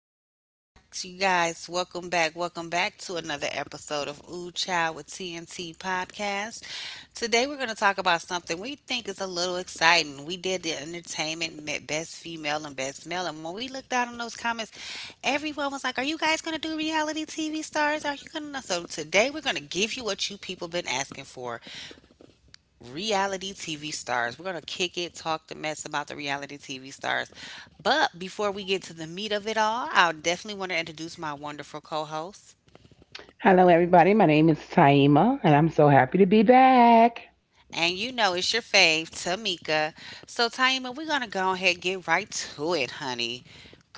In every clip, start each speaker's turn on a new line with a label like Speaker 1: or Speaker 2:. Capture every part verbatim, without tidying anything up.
Speaker 1: hello back to you guys. Welcome back. Welcome back to another episode of Ooh Child with T N T Podcast. Today we're going to talk about something we think is a little exciting. We did the entertainment me- best female and best male. And when we looked out on those comments, everyone was like, "Are you guys going to do reality T V stars? Are you going to?" So today we're going to give you what you people been asking for: reality T V stars. We're going to kick it, talk the mess about the reality T V stars. But before we get to the meat of it all, I'll definitely want to introduce my wonderful co host.
Speaker 2: Hello, everybody. My name is Taima, and I'm so happy to be back.
Speaker 1: And you know it's your fave, Tamika. So Taima, we're gonna go ahead and get right to it, honey.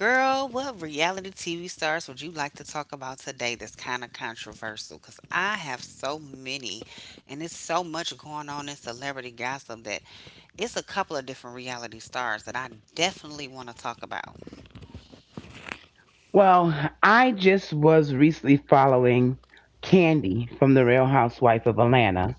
Speaker 1: Girl, what reality T V stars would you like to talk about today that's kind of controversial? Because I have so many, and it's so much going on in celebrity gossip that it's a couple of different reality stars that I definitely want to talk about.
Speaker 2: Well, I just was recently following Candy from The Real Housewife of Atlanta,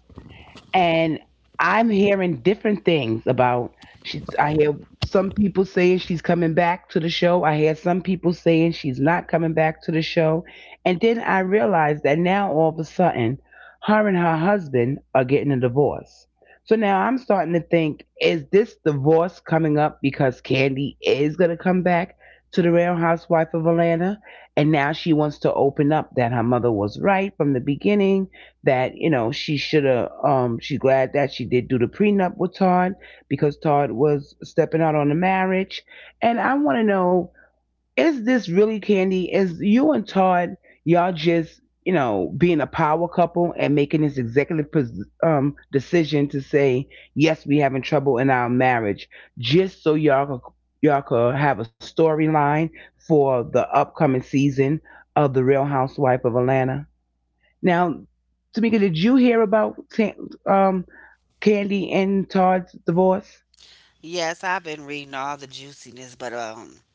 Speaker 2: and I'm hearing different things about she's I hear some people saying she's coming back to the show. I hear some people saying she's not coming back to the show. And then I realized that now all of a sudden her and her husband are getting a divorce. So now I'm starting to think, is this divorce coming up because Candy is gonna come back to the Real Housewife of Atlanta? And now she wants to open up that her mother was right from the beginning that you know she should have um she's glad that she did do the prenup with Todd because Todd was stepping out on the marriage, and I want to know is this really candy, is you and Todd y'all just you know being a power couple and making this executive um decision to say, yes, we having trouble in our marriage just so y'all could, y'all could have a storyline for the upcoming season of the Real Housewife of Atlanta. Now, Tamika, did you hear about Tan- um, Candy and Todd's divorce?
Speaker 1: Yes, I've been reading all the juiciness, but um,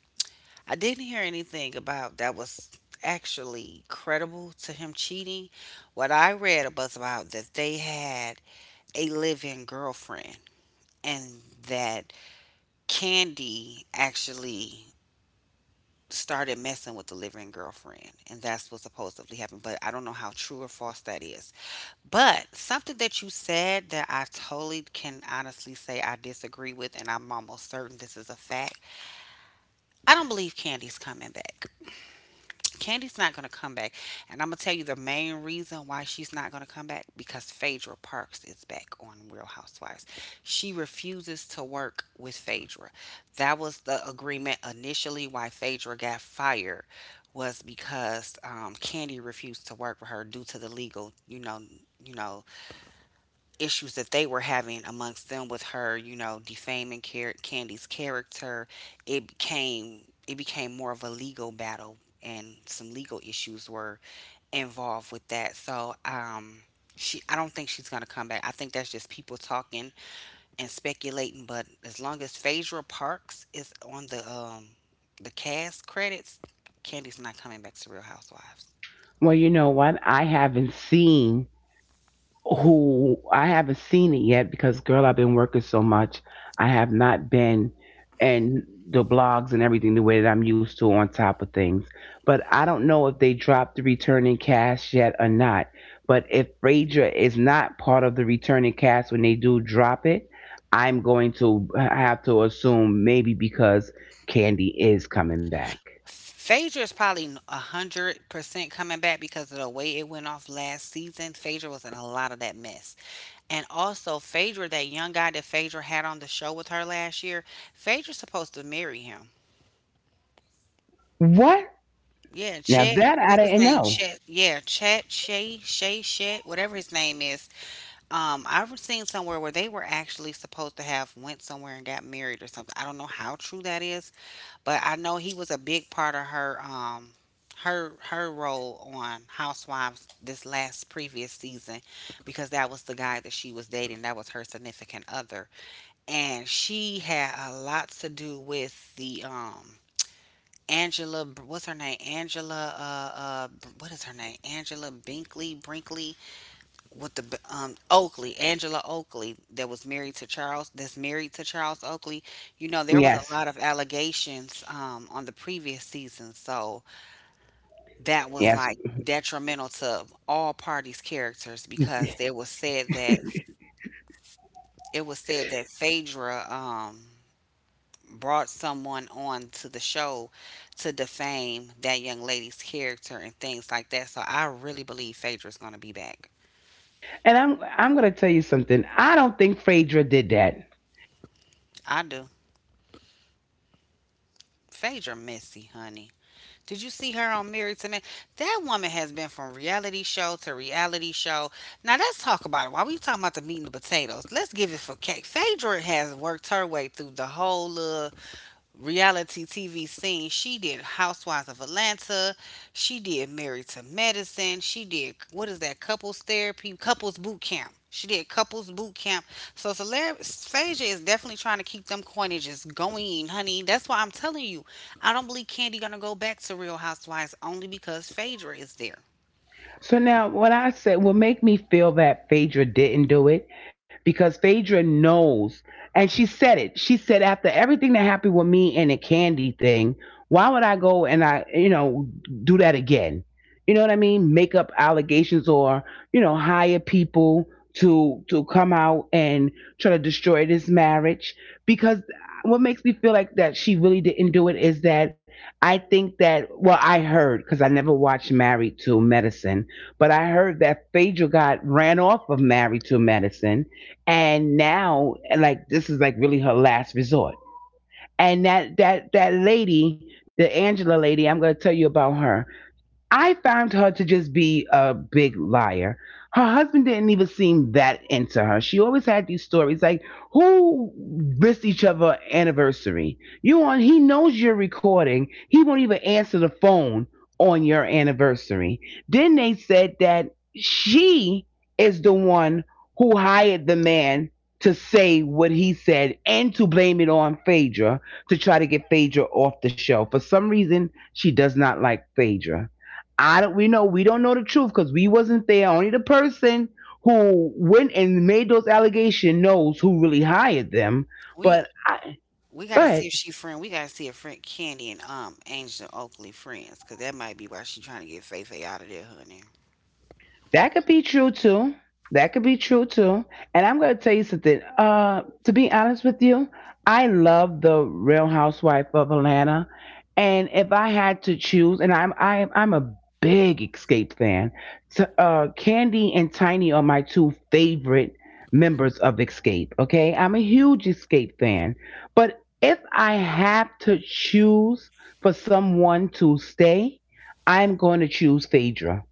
Speaker 1: I didn't hear anything about that was actually credible to him cheating. What I read was about that they had a live-in girlfriend and that Candy actually started messing with the live-in girlfriend, and that's what supposedly happened, but I don't know how true or false that is. But something that you said that I totally can honestly say I disagree with, and I'm almost certain this is a fact. I don't believe Candy's coming back. Candy's not going to come back. And I'm going to tell you the main reason why she's not going to come back, because Phaedra Parks is back on Real Housewives. She refuses to work with Phaedra. That was the agreement initially why Phaedra got fired, was because um, Candy refused to work with her due to the legal, you know, you know, issues that they were having amongst them, with her, you know, defaming Car- Candy's character. it became it became more of a legal battle, and some legal issues were involved with that. So, um, she — I don't think she's gonna come back. I think that's just people talking and speculating. But as long as Phaedra Parks is on the um the cast credits, Candy's not coming back to Real Housewives.
Speaker 2: Well, you know what? I haven't seen who I haven't seen it yet because girl, I've been working so much. I have not been and the blogs and everything the way that I'm used to on top of things. But I don't know if they dropped the returning cast yet or not. But if Rager is not part of the returning cast when they do drop it, I'm going to have to assume maybe because Candy is coming back.
Speaker 1: Phaedra is probably a a hundred percent coming back because of the way it went off last season. Phaedra was in a lot of that mess, and also Phaedra, that young guy that Phaedra had on the show with her last year, Phaedra's supposed to marry him.
Speaker 2: What?
Speaker 1: Yeah,
Speaker 2: Now
Speaker 1: Chet.
Speaker 2: that I
Speaker 1: What's
Speaker 2: didn't
Speaker 1: his name?
Speaker 2: know.
Speaker 1: Chet. Yeah, Chet. Shay. Shay. Chet. Whatever his name is. Um, I've seen somewhere where they were actually supposed to have went somewhere and got married or something. I don't know how true that is, but I know he was a big part of her um her her role on Housewives this last previous season, because that was the guy that she was dating. That was her significant other. And she had a lot to do with the um Angela, what's her name? Angela uh uh what is her name? Angela Binkley Brinkley, with the um, Oakley, Angela Oakley, that was married to Charles, that's married to Charles Oakley. You know, there was a
Speaker 2: Yes.
Speaker 1: lot of allegations um, on the previous season, so that was
Speaker 2: Yes.
Speaker 1: like detrimental to all parties' characters, because it was said that it was said that Phaedra, um, brought someone on to the show to defame that young lady's character and things like that. So I really believe Phaedra's gonna be back.
Speaker 2: And I'm I'm gonna tell you something. I don't think Phaedra did that.
Speaker 1: I do. Phaedra messy, honey. Did you see her on Married to Men? That woman has been from reality show to reality show. Now let's talk about it. While we talking about the meat and the potatoes, let's give it for cake. Phaedra has worked her way through the whole uh, reality T V scene. She did Housewives of Atlanta. She did Married to Medicine. She did, what is that? Couples Therapy, Couples Boot Camp. She did Couples Boot Camp. So Salar- Saja is definitely trying to keep them coinages going, honey. That's why I'm telling you, I don't believe Candy gonna go back to Real Housewives only because Phaedra is there.
Speaker 2: So now, what I said will make me feel that Phaedra didn't do it because Phaedra knows, and she said it. She said after everything that happened with me and the candy thing, why would I go and I, you know, do that again? You know what I mean? Make up allegations or you know hire people to to come out and try to destroy this marriage because what makes me feel like that she really didn't do it is that I think that, well, I heard, because I never watched Married to Medicine, but I heard that Phaedra got ran off of Married to Medicine, and now like this is like really her last resort. And that that that lady, the Angela lady, I'm gonna tell you about her. I found her to just be a big liar. Her husband didn't even seem that into her. She always had these stories like, who missed each other anniversary? You on, he knows you're recording. He won't even answer the phone on your anniversary. Then they said that she is the one who hired the man to say what he said and to blame it on Phaedra to try to get Phaedra off the show. For some reason, she does not like Phaedra. I don't. We know we don't know the truth because we wasn't there. Only the person who went and made those allegations knows who really hired them. But
Speaker 1: We
Speaker 2: I,
Speaker 1: we
Speaker 2: go
Speaker 1: gotta
Speaker 2: ahead.
Speaker 1: see if she friend. We gotta see if friend Candy and um Angel Oakley friends, cause that might be why she trying to get Faye Faye out of there, honey.
Speaker 2: That could be true too. That could be true too. And I'm going to tell you something. Uh, to be honest with you, I love the Real Housewife of Atlanta. And if I had to choose, and I'm I'm I'm a big Escape fan. T- uh, Candy and Tiny are my two favorite members of Escape. Okay, I'm a huge Escape fan. But if I have to choose for someone to stay, I'm going to choose Phaedra.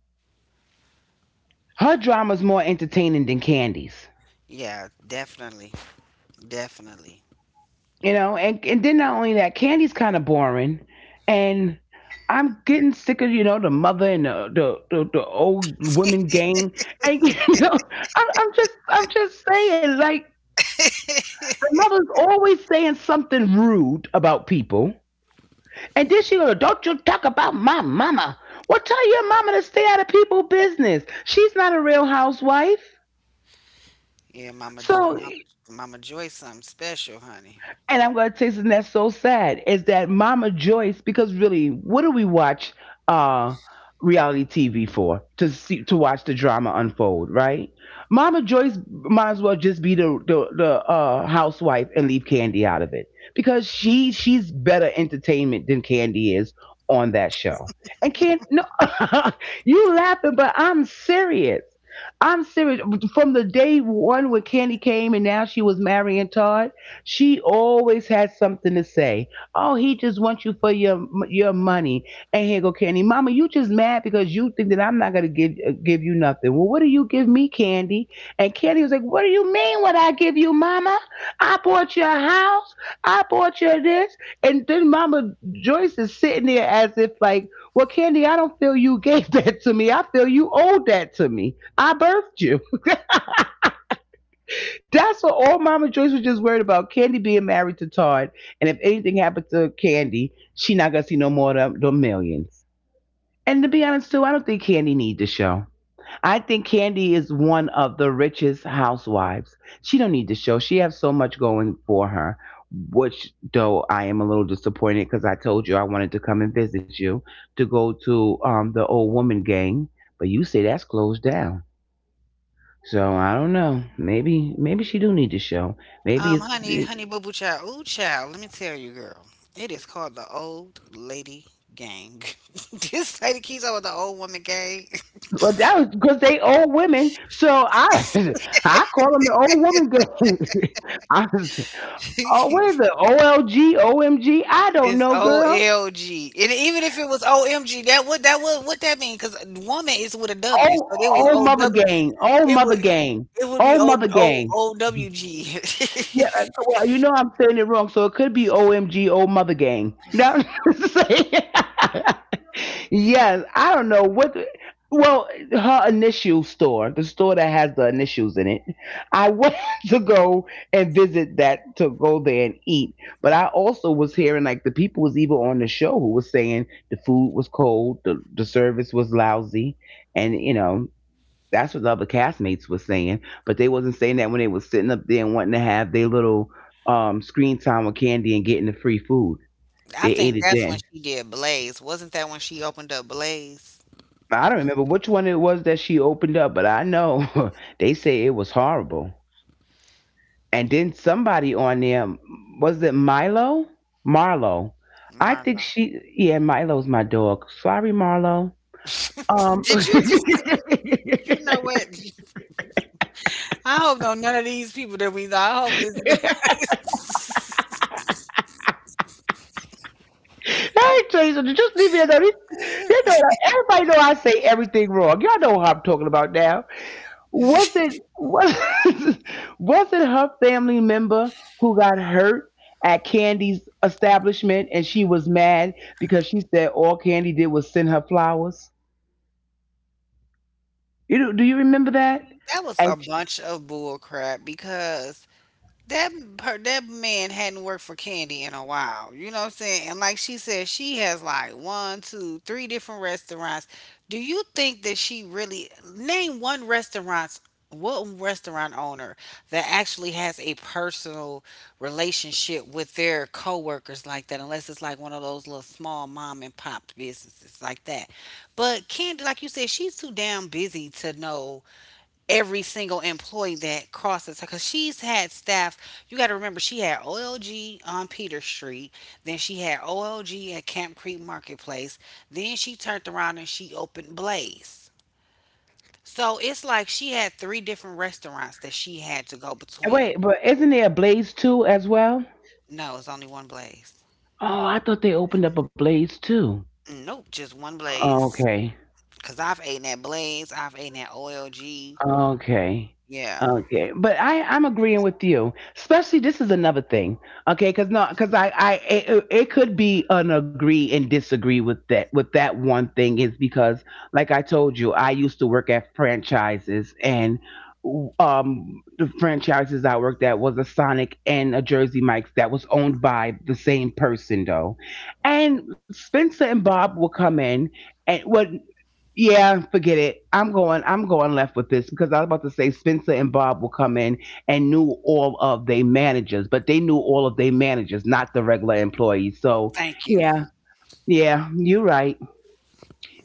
Speaker 2: Her drama's more entertaining than Candy's.
Speaker 1: Yeah, definitely. Definitely.
Speaker 2: You know, and and then not only that, Candy's kind of boring, and I'm getting sick of you know the mother and the the, the, the old women gang, and you know I'm, I'm just I'm just saying like the mother's always saying something rude about people, and then she goes, "Don't you talk about my mama." Well, tell your mama to stay out of people's business. She's not a real housewife.
Speaker 1: Yeah, Mama, J-
Speaker 2: So,
Speaker 1: Mama, Mama Joy, something special, honey.
Speaker 2: and I'm going to say something that's so sad is that Mama Joyce, because really, what do we watch uh, reality T V for? To see, to watch the drama unfold, right? Mama Joyce might as well just be the the, the uh, housewife and leave Candy out of it because she she's better entertainment than Candy is on that show. And Candy, no, you laughing, but I'm serious. I'm serious. From the day one when Candy came and now she was marrying Todd. She always has something to say. Oh, he just wants you for your your money. And here go Candy, Mama, you just mad because you think that I'm not gonna give uh, give you nothing. Well, what do you give me, Candy? And Candy was like, What do you mean? What I give you, Mama? I bought your house. I bought you this. And then Mama Joyce is sitting there as if like, Well, Candy, I don't feel you gave that to me. I feel you owed that to me. I birthed you. That's what all Mama Joyce was just worried about. Candy being married to Todd, and if anything happened to Candy, she not gonna see no more of the millions. And to be honest too, I don't think Candy need the show. I think Candy is one of the richest housewives. She don't need the show. She has so much going for her. Which though I am a little disappointed because I told you I wanted to come and visit you to go to um the old woman gang, but you say that's closed down. So I don't know. Maybe maybe she do need to show. Maybe
Speaker 1: Um,
Speaker 2: it's
Speaker 1: honey,
Speaker 2: it-
Speaker 1: honey, boo boo child, ooh child. Let me tell you, girl. It is called the Old Lady Gang. This lady keeps over the Old Woman Gang.
Speaker 2: But that was because they old women. So I I call them the old woman gang. I was, oh, what is
Speaker 1: It's
Speaker 2: it? O L G, O M G? I don't know, girl.
Speaker 1: O L G, and even if it was O M G, that would that would what that mean? Because woman is with a W,
Speaker 2: Oh,
Speaker 1: so it would
Speaker 2: oh, mother
Speaker 1: O W.
Speaker 2: gang. Oh,
Speaker 1: It
Speaker 2: mother
Speaker 1: would
Speaker 2: gang.
Speaker 1: it would be
Speaker 2: Oh,
Speaker 1: O
Speaker 2: mother
Speaker 1: O
Speaker 2: gang.
Speaker 1: O W G.
Speaker 2: Yeah, uh, well, you know I'm saying it wrong, so it could be O M G, Old mother gang. Now, say- Yes, I don't know what. the- well, her initial store, the store that has the initials in it. I wanted to go and visit that to go there and eat, but I also was hearing like the people was even on the show who was saying the food was cold, the the service was lousy, and you know that's what the other castmates were saying. But they wasn't saying that when they was sitting up there and wanting to have their little um screen time with candy and getting the free food.
Speaker 1: I
Speaker 2: They ate
Speaker 1: think
Speaker 2: it
Speaker 1: that's when
Speaker 2: then.
Speaker 1: she did Blaze. Wasn't that when she opened up Blaze?
Speaker 2: I don't remember which one it was that she opened up, but I know they say it was horrible. And then somebody on there, was it Milo? Marlo. I think
Speaker 1: Marlo.
Speaker 2: she, yeah, Milo's my dog. Sorry, Marlo. Um
Speaker 1: Did you just, you know what? I hope no none of these people that we know. I hope this.
Speaker 2: I tell you something, just leave me alone. You know, everybody know I say everything wrong. Y'all know how I'm talking about now. Was it was was it her family member who got hurt at Candy's establishment and she was mad because she said all Candy did was send her flowers? You know, do you remember that?
Speaker 1: That was a
Speaker 2: And she-
Speaker 1: bunch of bull crap because that per, that man hadn't worked for Candy in a while. You know what I'm saying? And like she said, she has like one, two, three different restaurants. Do you think that she really name one restaurant? One restaurant owner that actually has a personal relationship with their coworkers like that, unless it's like one of those little small mom and pop businesses like that. But Candy, like you said, she's too damn busy to know every single employee that crosses her, because she's had staff. You got to remember, she had OLG on Peter Street, then she had OLG at Camp Creek Marketplace, then she turned around and she opened Blaze. So it's like she had three different restaurants that she had to go between.
Speaker 2: wait, but isn't there a Blaze too as well?
Speaker 1: No, it's only one Blaze.
Speaker 2: Oh, I thought they opened up a Blaze too.
Speaker 1: Nope, just one
Speaker 2: Oh,
Speaker 1: Blaze,
Speaker 2: okay.
Speaker 1: because I've eaten at Blaze, I've eaten at OLG.
Speaker 2: Okay.
Speaker 1: Yeah.
Speaker 2: Okay. But I I'm agreeing with you. Especially this is another thing. Okay, cuz no cuz I I it, it could be an agree and disagree with that, with that one thing, is because like I told you, I used to work at franchises, and um the franchises I worked at was a Sonic and a Jersey Mike's that was owned by the same person though. And Spencer and Bob will come in and what yeah, forget it. I'm going. I'm going left with this because I was about to say Spencer and Bob will come in and knew all of their managers, but they knew all of their managers, not the regular employees. So
Speaker 1: Thank you.
Speaker 2: yeah, yeah, you're right.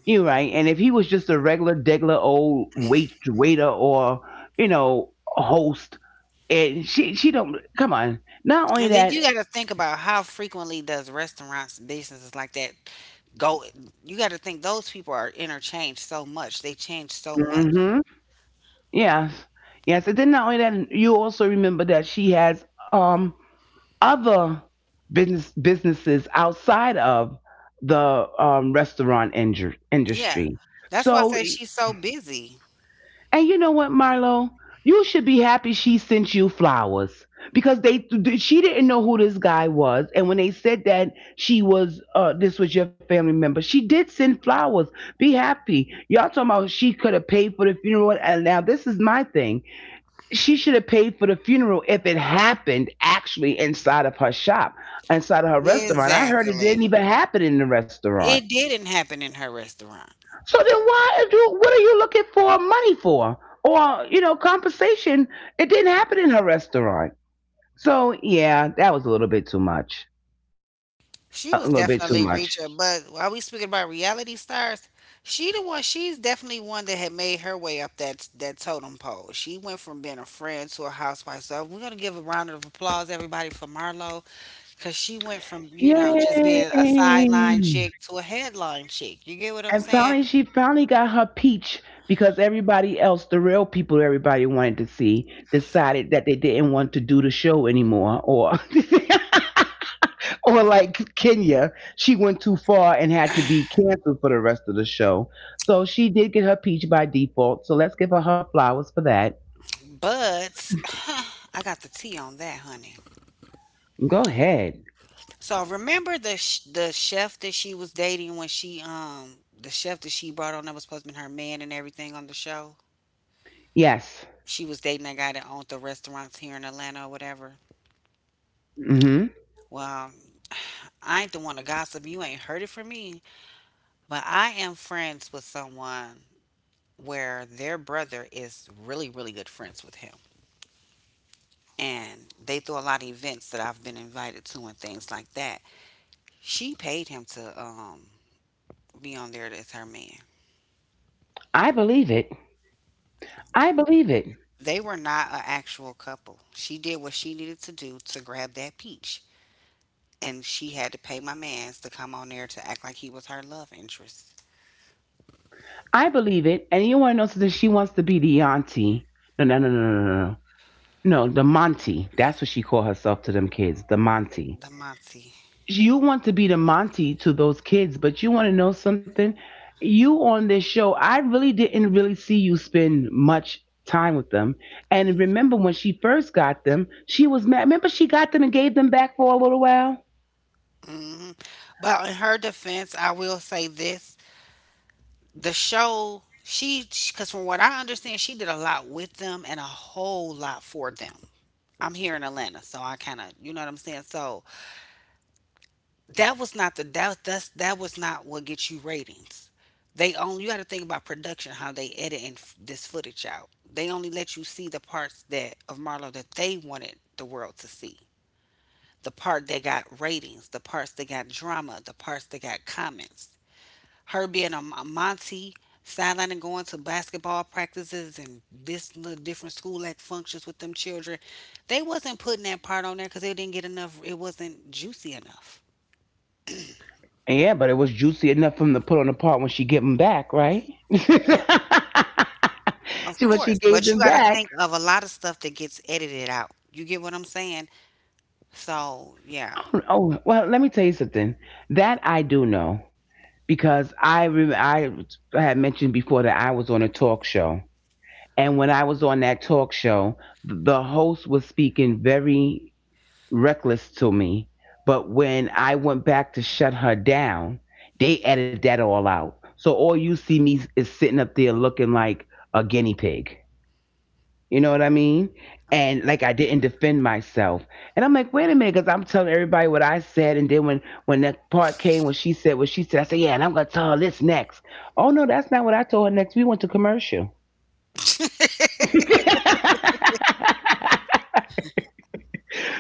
Speaker 2: You're right. And if he was just a regular, degular old wait waiter or you know host, and she she don't come on. Not only
Speaker 1: And then you
Speaker 2: that,
Speaker 1: got to think about how frequently does restaurants, businesses like that go — you gotta think those people are interchanged so much, they change so much.
Speaker 2: hmm, yes, yes, and then not only that, you also remember that she has um other business businesses outside of the um, restaurant inju-
Speaker 1: Yeah.
Speaker 2: industry.
Speaker 1: That's why I
Speaker 2: So,
Speaker 1: say she's so busy.
Speaker 2: and you know what, Marlo, you should be happy she sent you flowers because they she didn't know who this guy was, and when they said that she was, uh, this was your family member, she did send flowers. Be happy. Y'all talking about she could have paid for the funeral, and now this is my thing she should have paid for the funeral if it happened actually inside of her shop, inside of her restaurant. I heard it
Speaker 1: Exactly.
Speaker 2: didn't even happen in the restaurant.
Speaker 1: It didn't happen in her restaurant.
Speaker 2: So then why do what are you looking for money for? Or, you know, compensation. It didn't happen in her restaurant. So yeah, that was a little bit too much.
Speaker 1: She was
Speaker 2: A little bit too
Speaker 1: definitely
Speaker 2: much.
Speaker 1: reaching, but while we speaking about reality stars, she the one. She's definitely one that had made her way up that that totem pole. She went from being a friend to a housewife. So we're gonna give a round of applause, everybody, for Marlo, because she went from, you know, just
Speaker 2: Yay.
Speaker 1: being a sideline chick to a headline chick. You get what I'm
Speaker 2: And
Speaker 1: saying?
Speaker 2: finally, she finally got her peach because everybody else, the real people everybody wanted to see, decided that they didn't want to do the show anymore. Or, or like Kenya, she went too far and had to be canceled for the rest of the show. So she did get her peach by default. So let's give her her flowers for that.
Speaker 1: But I got the tea on that, honey.
Speaker 2: Go ahead.
Speaker 1: So remember the sh- the chef that she was dating, when she um the chef that she brought on that was supposed to be her man and everything on the show.
Speaker 2: Yes.
Speaker 1: She was dating that guy that owned the restaurants here in Atlanta or whatever.
Speaker 2: Mm-hmm.
Speaker 1: Well, I ain't the one to gossip. You ain't heard it from me. But I am friends with someone where their brother is really really good friends with him, and they throw a lot of events that I've been invited to and things like that. She paid him to um be on there as her man.
Speaker 2: I believe it. I believe it.
Speaker 1: They were not an actual couple. She did what she needed to do to grab that peach, and she had to pay my man's to come on there to act like he was her love interest.
Speaker 2: I believe it. And you want to know something? She wants to be the auntie. No, no, no, no, no, no, no. No, the Monty. That's what she called herself to them kids, the Monty.
Speaker 1: Damonte.
Speaker 2: You want to be the Monty to those kids, but you want to know something? You on this show, I really didn't really see you spend much time with them. And remember when she first got them, she was mad. Remember she got them and gave them back for a little while?
Speaker 1: Hmm. But in her defense, I will say this: the show, she, because from what I understand, she did a lot with them and a whole lot for them. I'm here in Atlanta, so I kind of, you know what I'm saying. So that was not the — that that's that was not what gets you ratings. They only You got to think about production, how they edit and f- this footage out. They only let you see the parts that of Marlo that they wanted the world to see. The part that got ratings, the parts that got drama, the parts that got comments. Her being a, a Monty sideline and going to basketball practices and this little different school act functions with them children, they wasn't putting that part on there because it didn't get enough. It wasn't juicy enough.
Speaker 2: Yeah, but it was juicy enough for him to put on the part when she give him back, right?
Speaker 1: Of
Speaker 2: she when she
Speaker 1: course,
Speaker 2: gave
Speaker 1: but you
Speaker 2: them
Speaker 1: got to
Speaker 2: back.
Speaker 1: think of a lot of stuff that gets edited out. You get what I'm saying? So, yeah.
Speaker 2: Oh, oh, well, let me tell you something. That I do know because I re- I had mentioned before that I was on a talk show, and when I was on that talk show, the host was speaking very reckless to me. But when I went back to shut her down, they edited that all out. So all you see me is sitting up there looking like a guinea pig. You know what I mean? And like I didn't defend myself. And I'm like, wait a minute, because I'm telling everybody what I said. And then when when that part came, when she said what she said, I said, yeah, and I'm gonna tell her this next. Oh no, that's not what I told her next. We went to commercial.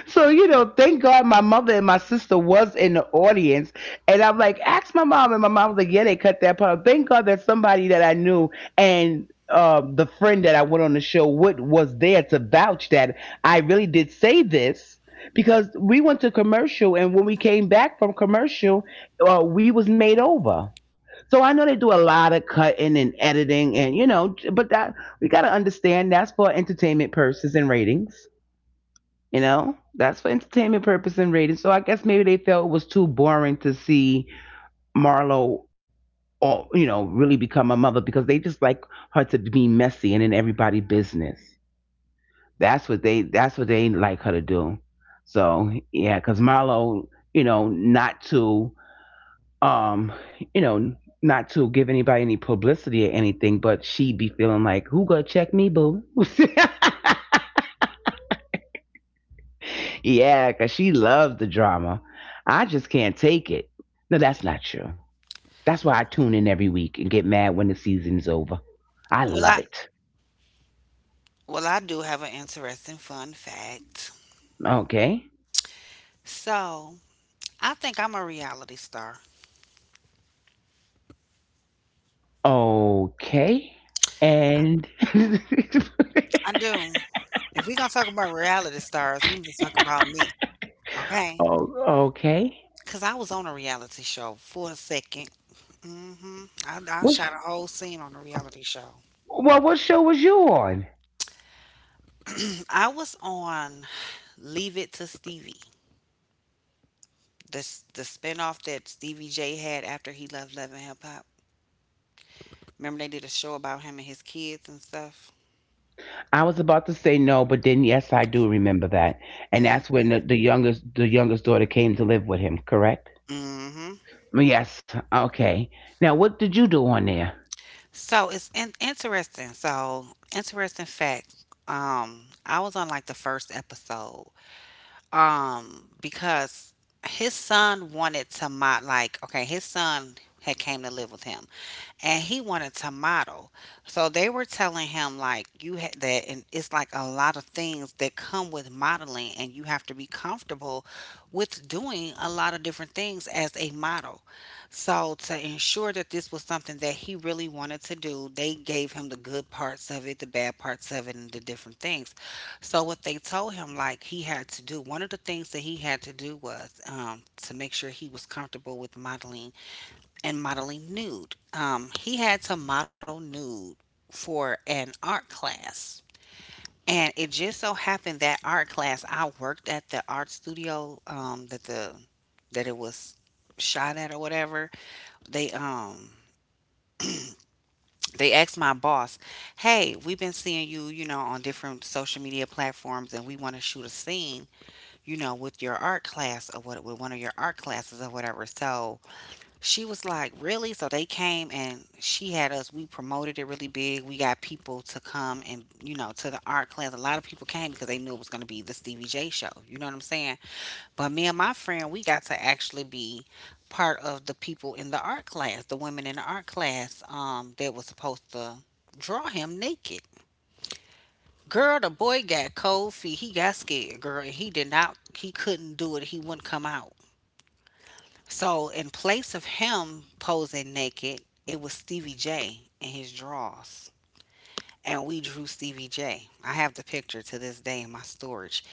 Speaker 2: So, you know, thank God my mother and my sister was in the audience. And I'm like, ask my mom. And my mom was like, yeah, they cut that part. Thank God that somebody that I knew and um, the friend that I went on the show with was there to vouch that I really did say this because we went to commercial. And when we came back from commercial, uh, we was made over. So I know they do a lot of cutting and editing and, you know, but that we got to understand that's for entertainment purposes and ratings. You know, that's for entertainment purpose and ratings. So I guess maybe they felt it was too boring to see Marlo, all, you know, really become a mother because they just like her to be messy and in everybody's business. That's what they that's what they like her to do. So yeah, because Marlo, you know, not to um, you know, not to give anybody any publicity or anything, but she be feeling like, who gonna check me, boo? Yeah, 'cause she loves the drama. I just can't take it. No, that's not true. That's why I tune in every week and get mad when the season's over. I
Speaker 1: Well,
Speaker 2: love
Speaker 1: I
Speaker 2: it.
Speaker 1: well, I do have an interesting fun fact.
Speaker 2: Okay.
Speaker 1: So, I think I'm a reality star.
Speaker 2: Okay. And
Speaker 1: I do. If we're gonna talk about reality stars, we need to talk about me, okay?
Speaker 2: oh, okay.
Speaker 1: Because I was on a reality show for a second. Mm-hmm. I, I
Speaker 2: What? Sh-
Speaker 1: shot a whole scene on a reality show.
Speaker 2: Well, what show was you on?
Speaker 1: I was on Leave It to Stevie, the s- the spinoff that Stevie J had after he left Love and Hip Hop. Remember, they did a show about him and his kids and stuff.
Speaker 2: I was about to say no, but then yes, I do remember that, and that's when the, the youngest the youngest daughter came to live with him. Correct?
Speaker 1: Mm-hmm.
Speaker 2: Yes. Okay. Now, what did you do on there?
Speaker 1: So it's in- interesting. So Interesting fact. Um, I was on like the first episode, um because his son wanted to mod like okay his son had came to live with him and he wanted to model. So they were telling him, like, you had that, and it's like a lot of things that come with modeling, and you have to be comfortable with doing a lot of different things as a model. So to ensure that this was something that he really wanted to do, they gave him the good parts of it, the bad parts of it, and the different things. So what they told him, like he had to do, one of the things that he had to do was um, to make sure he was comfortable with modeling and modeling nude. Um, he had to model nude for an art class. And it just so happened that art class, I worked at the art studio um, that the that it was shot at or whatever. They um they asked my boss, "Hey, we've been seeing you, you know, on different social media platforms, and we want to shoot a scene, you know, with your art class or what with one of your art classes or whatever." So she was like, "Really?" So they came, and she had us, we promoted it really big. We got people to come and, you know, to the art class. A lot of people came because they knew it was going to be the Stevie J show. You know what I'm saying? But me and my friend, we got to actually be part of the people in the art class, the women in the art class, um, that was supposed to draw him naked. Girl, the boy got cold feet. He got scared, girl, and he did not, he couldn't do it. He wouldn't come out. So, in place of him posing naked, it was Stevie J in his drawers, and we drew Stevie J. I have the picture to this day in my storage.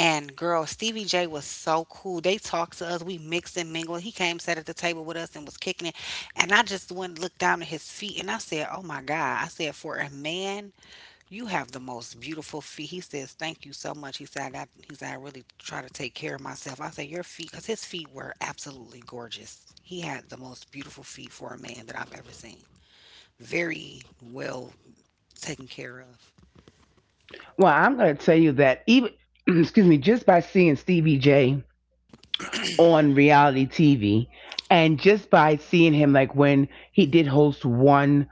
Speaker 1: And girl, Stevie J was so cool. They talked to us. We mixed and mingled. He came, sat at the table with us, and was kicking it. And I just went and looked down at his feet, and I said, "Oh my God!" I said, "For a man, you have the most beautiful feet." He says, "Thank you so much." He said, "I he said I really try to take care of myself." I said, "Your feet," because his feet were absolutely gorgeous. He had the most beautiful feet for a man that I've ever seen. Very well taken care of.
Speaker 2: Well, I'm going to tell you that even, excuse me, just by seeing Stevie J on reality T V and just by seeing him, like when he did host one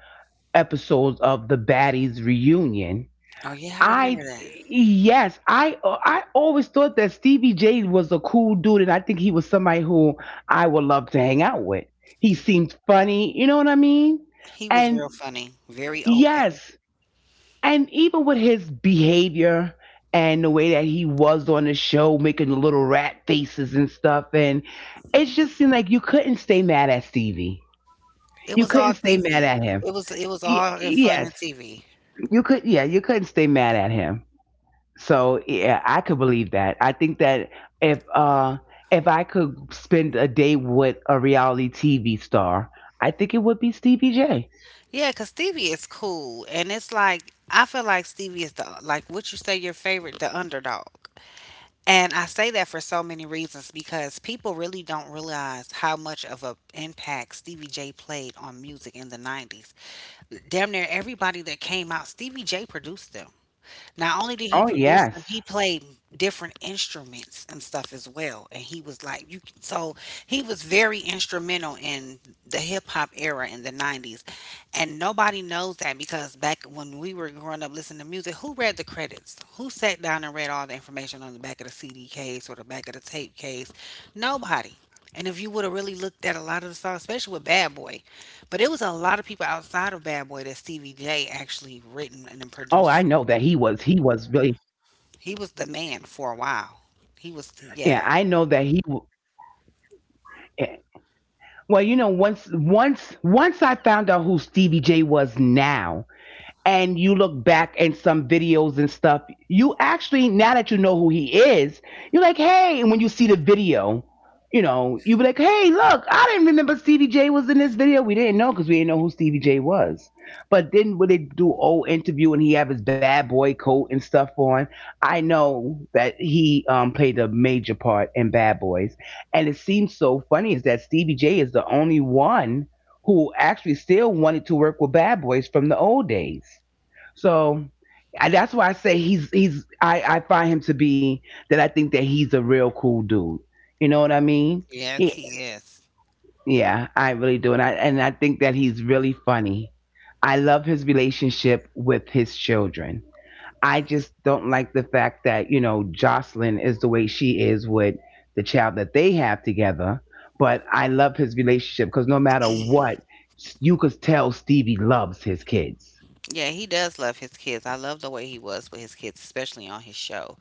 Speaker 2: episode of the Baddies reunion,
Speaker 1: Oh, yeah, I
Speaker 2: I,
Speaker 1: remember that.
Speaker 2: yes, I, I always thought that Stevie J was a cool dude and I think he was somebody who I would love to hang out with. He
Speaker 1: Mm,
Speaker 2: seemed funny, you know what I mean?
Speaker 1: he was
Speaker 2: And
Speaker 1: real funny, very open.
Speaker 2: yes, and even with his behavior and the way that he was on the show, making the little rat faces and stuff, and it just seemed like you couldn't stay mad at Stevie.
Speaker 1: It
Speaker 2: You
Speaker 1: was
Speaker 2: couldn't
Speaker 1: all
Speaker 2: stay mad at
Speaker 1: T V.
Speaker 2: him.
Speaker 1: It was it was
Speaker 2: Y-
Speaker 1: all in fun
Speaker 2: yes,
Speaker 1: and T V.
Speaker 2: you could. Yeah, you couldn't stay mad at him. So yeah, I could believe that. I think that if uh if I could spend a day with a reality T V star, I think it would be Stevie J.
Speaker 1: Yeah, 'cause Stevie is cool, and it's like I feel like Stevie is the, like, what you say your favorite, the underdog. And I say that for so many reasons because people really don't realize how much of an impact Stevie J played on music in the nineties. Damn near everybody that came out, Stevie J produced them. Not only did
Speaker 2: Oh
Speaker 1: he produce
Speaker 2: yes.
Speaker 1: them, he played different instruments and stuff as well. And he was like, you can, so he was very instrumental in the hip hop era in the nineties. And nobody knows that because back when we were growing up listening to music, who read the credits? Who sat down and read all the information on the back of the C D case or the back of the tape case? Nobody. And if you would have really looked at a lot of the songs, especially with Bad Boy, but it was a lot of people outside of
Speaker 2: Oh, I
Speaker 1: Bad Boy
Speaker 2: know
Speaker 1: that
Speaker 2: that
Speaker 1: Stevie
Speaker 2: he
Speaker 1: J
Speaker 2: was he
Speaker 1: actually
Speaker 2: was
Speaker 1: written and
Speaker 2: really
Speaker 1: then produced. He was the man for a while.
Speaker 2: yeah, I
Speaker 1: He
Speaker 2: know
Speaker 1: was,
Speaker 2: that he
Speaker 1: yeah.
Speaker 2: w- yeah. Well, you know, once once once I found out who Stevie J was now, and you look back and some videos and stuff, you actually now that you know who he is, you're like, hey, and when you see the video, you know, you be like, hey, look, I didn't remember Stevie J was in this video. We didn't know because we didn't know who Stevie J was. But then when they do old interview and he have his bad boy coat and stuff on, I know that he um, played a major part in Bad Boys, and it seems so funny is that Stevie J is the only one who actually still wanted to work with bad boys from the old days. So I, that's why I say he's he's I, I find him to be that I think that he's a real cool dude. You know what I mean?
Speaker 1: Yes,
Speaker 2: He
Speaker 1: he is.
Speaker 2: yeah, I really do, and I and I think that he's really funny. I love his relationship with his children. I just don't like the fact that, you know, Jocelyn is the way she is with the child that they have together. But I love his relationship because no matter what, you could tell Stevie loves his kids.
Speaker 1: Yeah, he does love his kids. I love the way he was with his kids, especially on his show.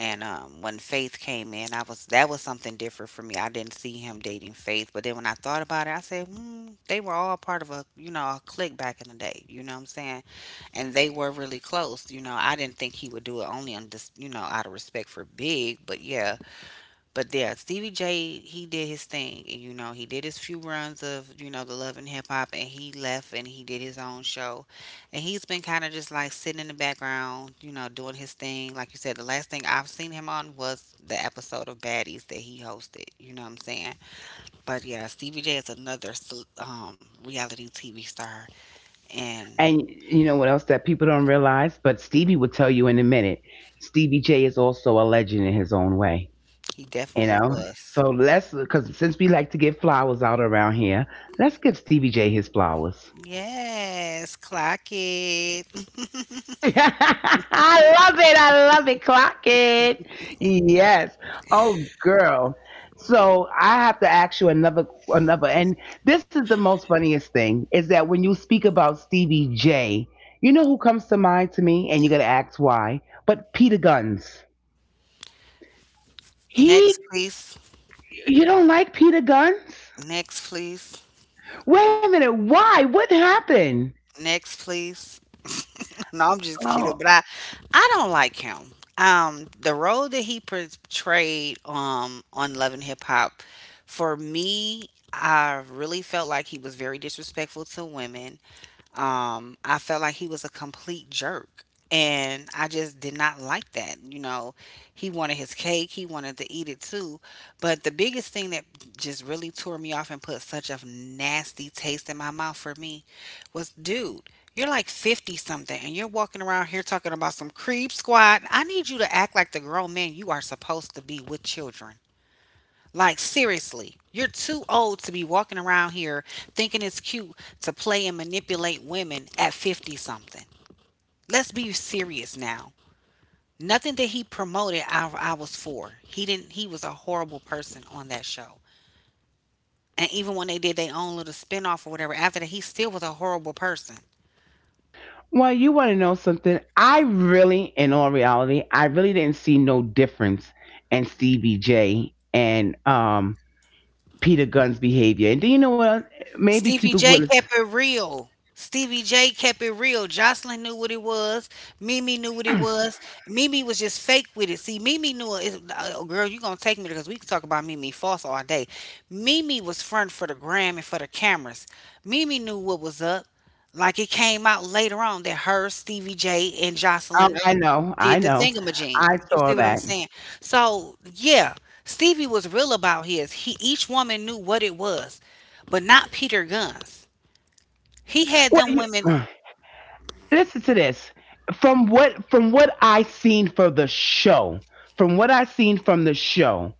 Speaker 1: And um, when Faith came in, I was, that was something different for me. I didn't see him dating Faith, but then when I thought about it, I said, mm, they were all part of a, you know, a clique back in the day. You know what I'm saying? And they were really close. You know, I didn't think he would do it only on just, you know, out of respect for Big, but yeah, But yeah, Stevie J, he did his thing. And, you know, he did his few runs of, you know, the Love and Hip Hop, and he left and he did his own show. And he's been kind of just like sitting in the background, you know, doing his thing. Like you said, the last thing I've seen him on was the episode of Baddies that he hosted. You know what I'm saying? But yeah, Stevie J is another s- um, reality T V star, and
Speaker 2: And you know what else that people don't realize? But Stevie will tell you in a minute. Stevie J is also a legend in his own way,
Speaker 1: he
Speaker 2: you
Speaker 1: definitely
Speaker 2: know?
Speaker 1: was.
Speaker 2: So let's, because since we like to give flowers out around here, let's give Stevie J his flowers.
Speaker 1: Yes, clock it.
Speaker 2: I love it. I love it. Clock it. Yes. Oh, girl. So I have to ask you another, another, and this is the most funniest thing is that when you speak about Stevie J, you know who comes to mind to me, and you're gonna ask why, but Peter Guns.
Speaker 1: Next,
Speaker 2: He,
Speaker 1: please.
Speaker 2: you don't like Peter Guns?
Speaker 1: Next, please.
Speaker 2: Wait a minute. Why? What happened?
Speaker 1: Next, please. No, I'm just kidding, but I I don't like him. Um, the role that he portrayed um on Love and Hip Hop, for me, I really felt like he was very disrespectful to women. Um, I felt like he was a complete jerk. And I just did not like that. You know, he wanted his cake, he wanted to eat it too. But the biggest thing that just really tore me off and put such a nasty taste in my mouth for me was, dude, you're like fifty something, and you're walking around here talking about some creep squad. I need you to act like the grown man you are supposed to be with children. Like, seriously, you're too old to be walking around here thinking it's cute to play and manipulate women at fifty something. Let's be serious now. Nothing that he promoted, I, I was for. He didn't, he was a horrible person on that show. And even when they did their own little spin off or whatever, after that, he still was a horrible person.
Speaker 2: Well, you want to know something? I really, in all reality, I really didn't see no difference in Stevie J and um, Peter Gunn's behavior. And do you know what? Maybe
Speaker 1: Stevie
Speaker 2: people
Speaker 1: J
Speaker 2: will.
Speaker 1: kept it real. Stevie J kept it real. Jocelyn knew what it was. Mimi knew what it
Speaker 2: Oh,
Speaker 1: was. Mimi was just fake with it. See, Mimi knew it. Oh, girl, you gonna take me because we can talk about Mimi false all day. Mimi was front for the gram and for the cameras. Mimi knew what was up. Like, it came out later on that her, Stevie J, and Jocelyn
Speaker 2: I know, I
Speaker 1: did the
Speaker 2: know,
Speaker 1: thingamajig.
Speaker 2: I
Speaker 1: You
Speaker 2: saw
Speaker 1: see what I'm
Speaker 2: that.
Speaker 1: saying? So, yeah, Stevie was real about his. He, each woman knew what it was, but not Peter Guns. He had
Speaker 2: Well,
Speaker 1: them
Speaker 2: you
Speaker 1: women
Speaker 2: listen to this. From what from what I seen for the show, from what I seen from the show,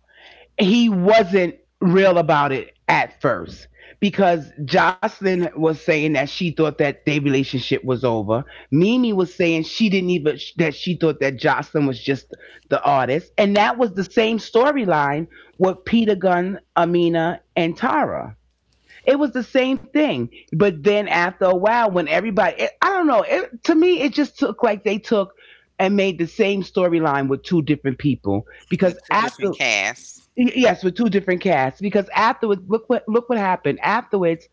Speaker 2: he wasn't real about it at first because Jocelyn was saying that she thought that their relationship was over. Mimi was saying she didn't even that she thought that Jocelyn was just the artist, and that was the same storyline with Peter Gunn, Amina, and Tara. It was the same thing, but then after a while, when everybody, it, I don't know, it, to me, it just took like they took and made the same storyline with two different people because
Speaker 1: with two different
Speaker 2: after
Speaker 1: casts.
Speaker 2: y- yes, with two different casts because afterwards, look what look what happened. Afterwards,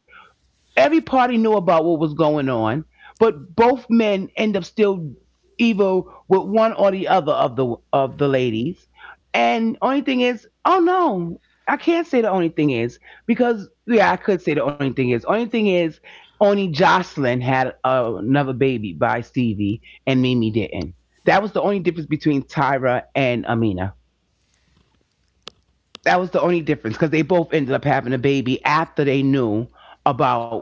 Speaker 2: every party knew about what was going on, but both men end up still evil with one or the other of the of the ladies. And only thing is, oh no, I can't say the only thing is because yeah, I could say the only thing is. Only thing is, only Jocelyn had uh, another baby by Stevie, and Mimi didn't. That was the only difference between Tyra and Amina. That was the only difference because they both ended up having a baby after they knew about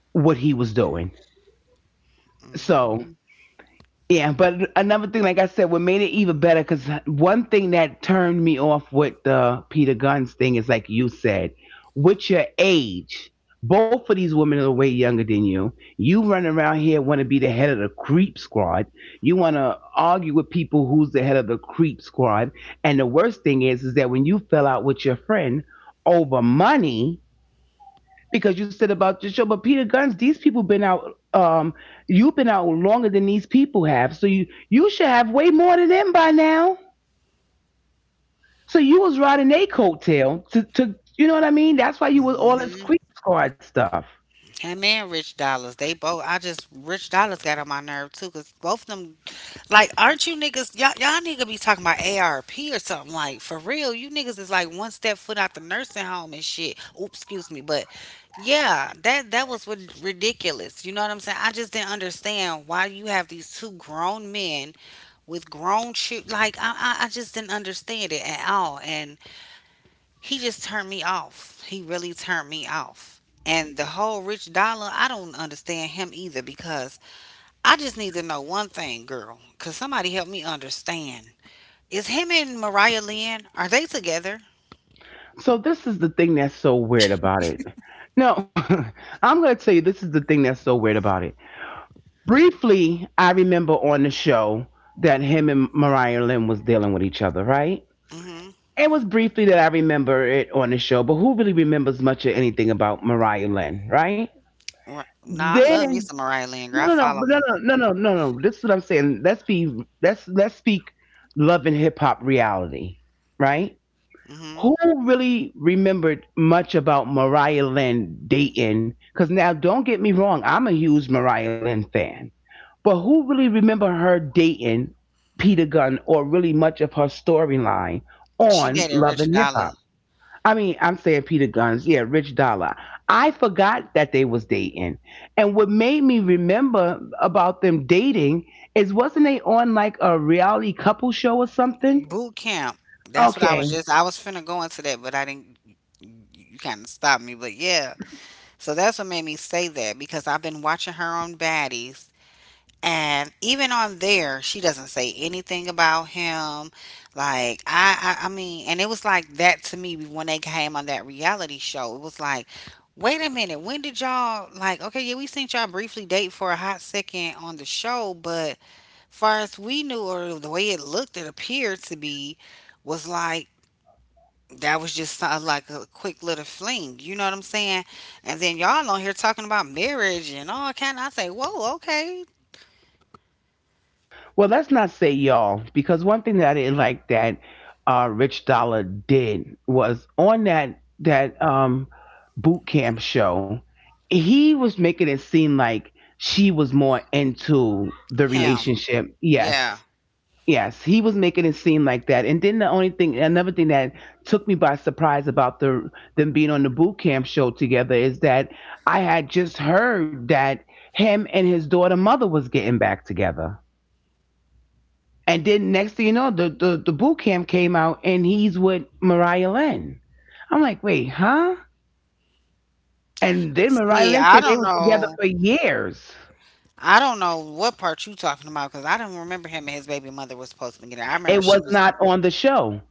Speaker 2: what he was doing. So
Speaker 1: Hmm.
Speaker 2: yeah, but another thing, like I said, what made it even better, because one thing that turned me off with the Peter Guns thing is like you said, with your age, both of these women are way younger than you. You run around here want to be the head of the creep squad. You want to argue with people who's the head of the creep squad. And the worst thing is, is that when you fell out with your friend over money, because you said about your show. But Peter Guns, these people been out. Um, you've been out longer than these people have, so you you should have way more than them by now. So you was riding a coattail to to you know what I mean. That's why you was all this creep squad stuff.
Speaker 1: Him and Rich Dollars, they both. I just Rich Dollars got on my nerve too, cause both of them, like, aren't you niggas? Y'all, y'all nigga be talking about A R P or something like for real. You niggas is like one step foot out the nursing home and shit. Oops, excuse me, but yeah, that that was rid- ridiculous. You know what I'm saying? I just didn't understand why you have these two grown men with grown children. Like, I, I I just didn't understand it at all, and he just turned me off. He really turned me off. And the whole Rich Dollar, I don't understand him either because I just need to know one thing, girl. Cause somebody help me understand. Is him and Mariah Lynn, are they together?
Speaker 2: So this is the thing that's so weird about it. No, I'm gonna tell you this is the thing that's so weird about it. Briefly, I remember on the show that him and Mariah Lynn was dealing with each other, right?
Speaker 1: Mm-hmm.
Speaker 2: It was briefly that I remember it on the show, but who really remembers much of anything about Mariah Lynn, right?
Speaker 1: Right. Nah, I love me
Speaker 2: Then
Speaker 1: some Mariah Lynn, girl.
Speaker 2: no,
Speaker 1: I
Speaker 2: no, no,
Speaker 1: follow
Speaker 2: but no,
Speaker 1: her.
Speaker 2: no, no, no, no, no. This is what I'm saying. Let's be let's let's speak love and hip hop reality, right?
Speaker 1: Mm-hmm.
Speaker 2: Who really remembered much about Mariah Lynn dating? Because now, don't get me wrong, I'm a huge Mariah Lynn fan, but who really remember her dating Peter Gunn or really much of her storyline
Speaker 1: She
Speaker 2: on
Speaker 1: dated
Speaker 2: Love
Speaker 1: Rich
Speaker 2: and Hip
Speaker 1: Dollar.
Speaker 2: Hop? I mean, I'm saying Peter Guns, yeah, Rich Dollar. I forgot that they was dating. And what made me remember about them dating is wasn't they on like a reality couple show or something?
Speaker 1: Boot camp. That's what I
Speaker 2: Okay.
Speaker 1: was just, I was finna go into that, but I didn't. You kind of stopped me, but yeah. So that's what made me say that, because I've been watching her on Baddies. And even on there, she doesn't say anything about him. Like, I, I, I mean, and it was like that to me when they came on that reality show. It was like, wait a minute, when did y'all, like? Okay, yeah, we seen y'all briefly date for a hot second on the show, but far as we knew or the way it looked, it appeared to be, was like, that was just so- like a quick little fling. You know what I'm saying? And then y'all on here talking about marriage and all kind. I say, whoa, okay,
Speaker 2: Well, let's not say y'all because one thing that I didn't like that uh, Rich Dollar did was on that that um, boot camp show. He was making it seem like she was more into the
Speaker 1: him,
Speaker 2: relationship.
Speaker 1: yeah."
Speaker 2: Yes. Yes, he was making it seem like that. And then the only thing, another thing that took me by surprise about the them being on the boot camp show together is that I had just heard that him and his daughter mother was getting back together. And then next thing you know, the the, the boot camp came out and he's with Mariah Lynn. I'm like, wait, huh? And then Mariah Lynn
Speaker 1: Yeah, I
Speaker 2: said they
Speaker 1: don't
Speaker 2: were together
Speaker 1: know.
Speaker 2: for years.
Speaker 1: I don't know what part you talking about because I don't remember him and his baby mother was supposed to be getting. I remember
Speaker 2: It was
Speaker 1: she was.
Speaker 2: not on the show.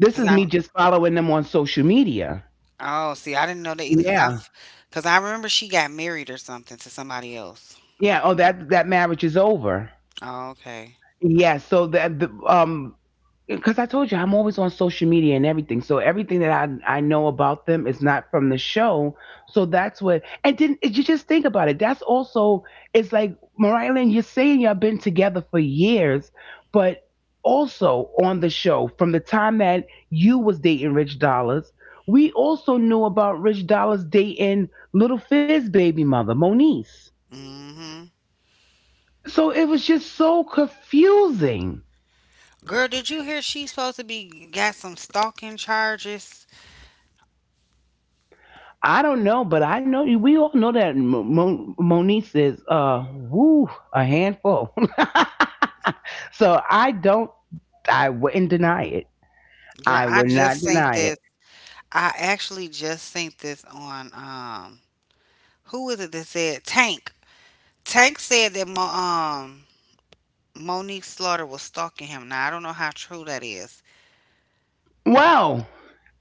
Speaker 2: This
Speaker 1: Because
Speaker 2: is
Speaker 1: I
Speaker 2: me just following them on social media.
Speaker 1: Oh, see, I didn't know that either because I
Speaker 2: Yeah.
Speaker 1: because I remember she got married or something to somebody else.
Speaker 2: Yeah. Oh, that that marriage is over.
Speaker 1: Oh, okay.
Speaker 2: Yeah. So that the um, because I told you I'm always on social media and everything, so everything that I I know about them is not from the show. So that's what. And didn't you just think about it? That's also it's like Mariah Lynn. You're saying y'all been together for years, but also on the show from the time that you was dating Rich Dollars. We also knew about Rich Dollars dating Little Fizz baby mother, Moniece.
Speaker 1: Mm-hmm.
Speaker 2: So it was just so confusing.
Speaker 1: Girl, did you hear she's supposed to be got some stalking charges?
Speaker 2: I don't know, but I know we all know that Mo- Mo- Monice is uh woo a handful. So I don't. I wouldn't deny it.
Speaker 1: Girl,
Speaker 2: I
Speaker 1: I
Speaker 2: would not
Speaker 1: just seen
Speaker 2: deny
Speaker 1: this.
Speaker 2: it.
Speaker 1: I actually just seen this on um who is it that said Tank? Tank said that my um Monique Slaughter was stalking him. Now, I don't know how true that is.
Speaker 2: Well,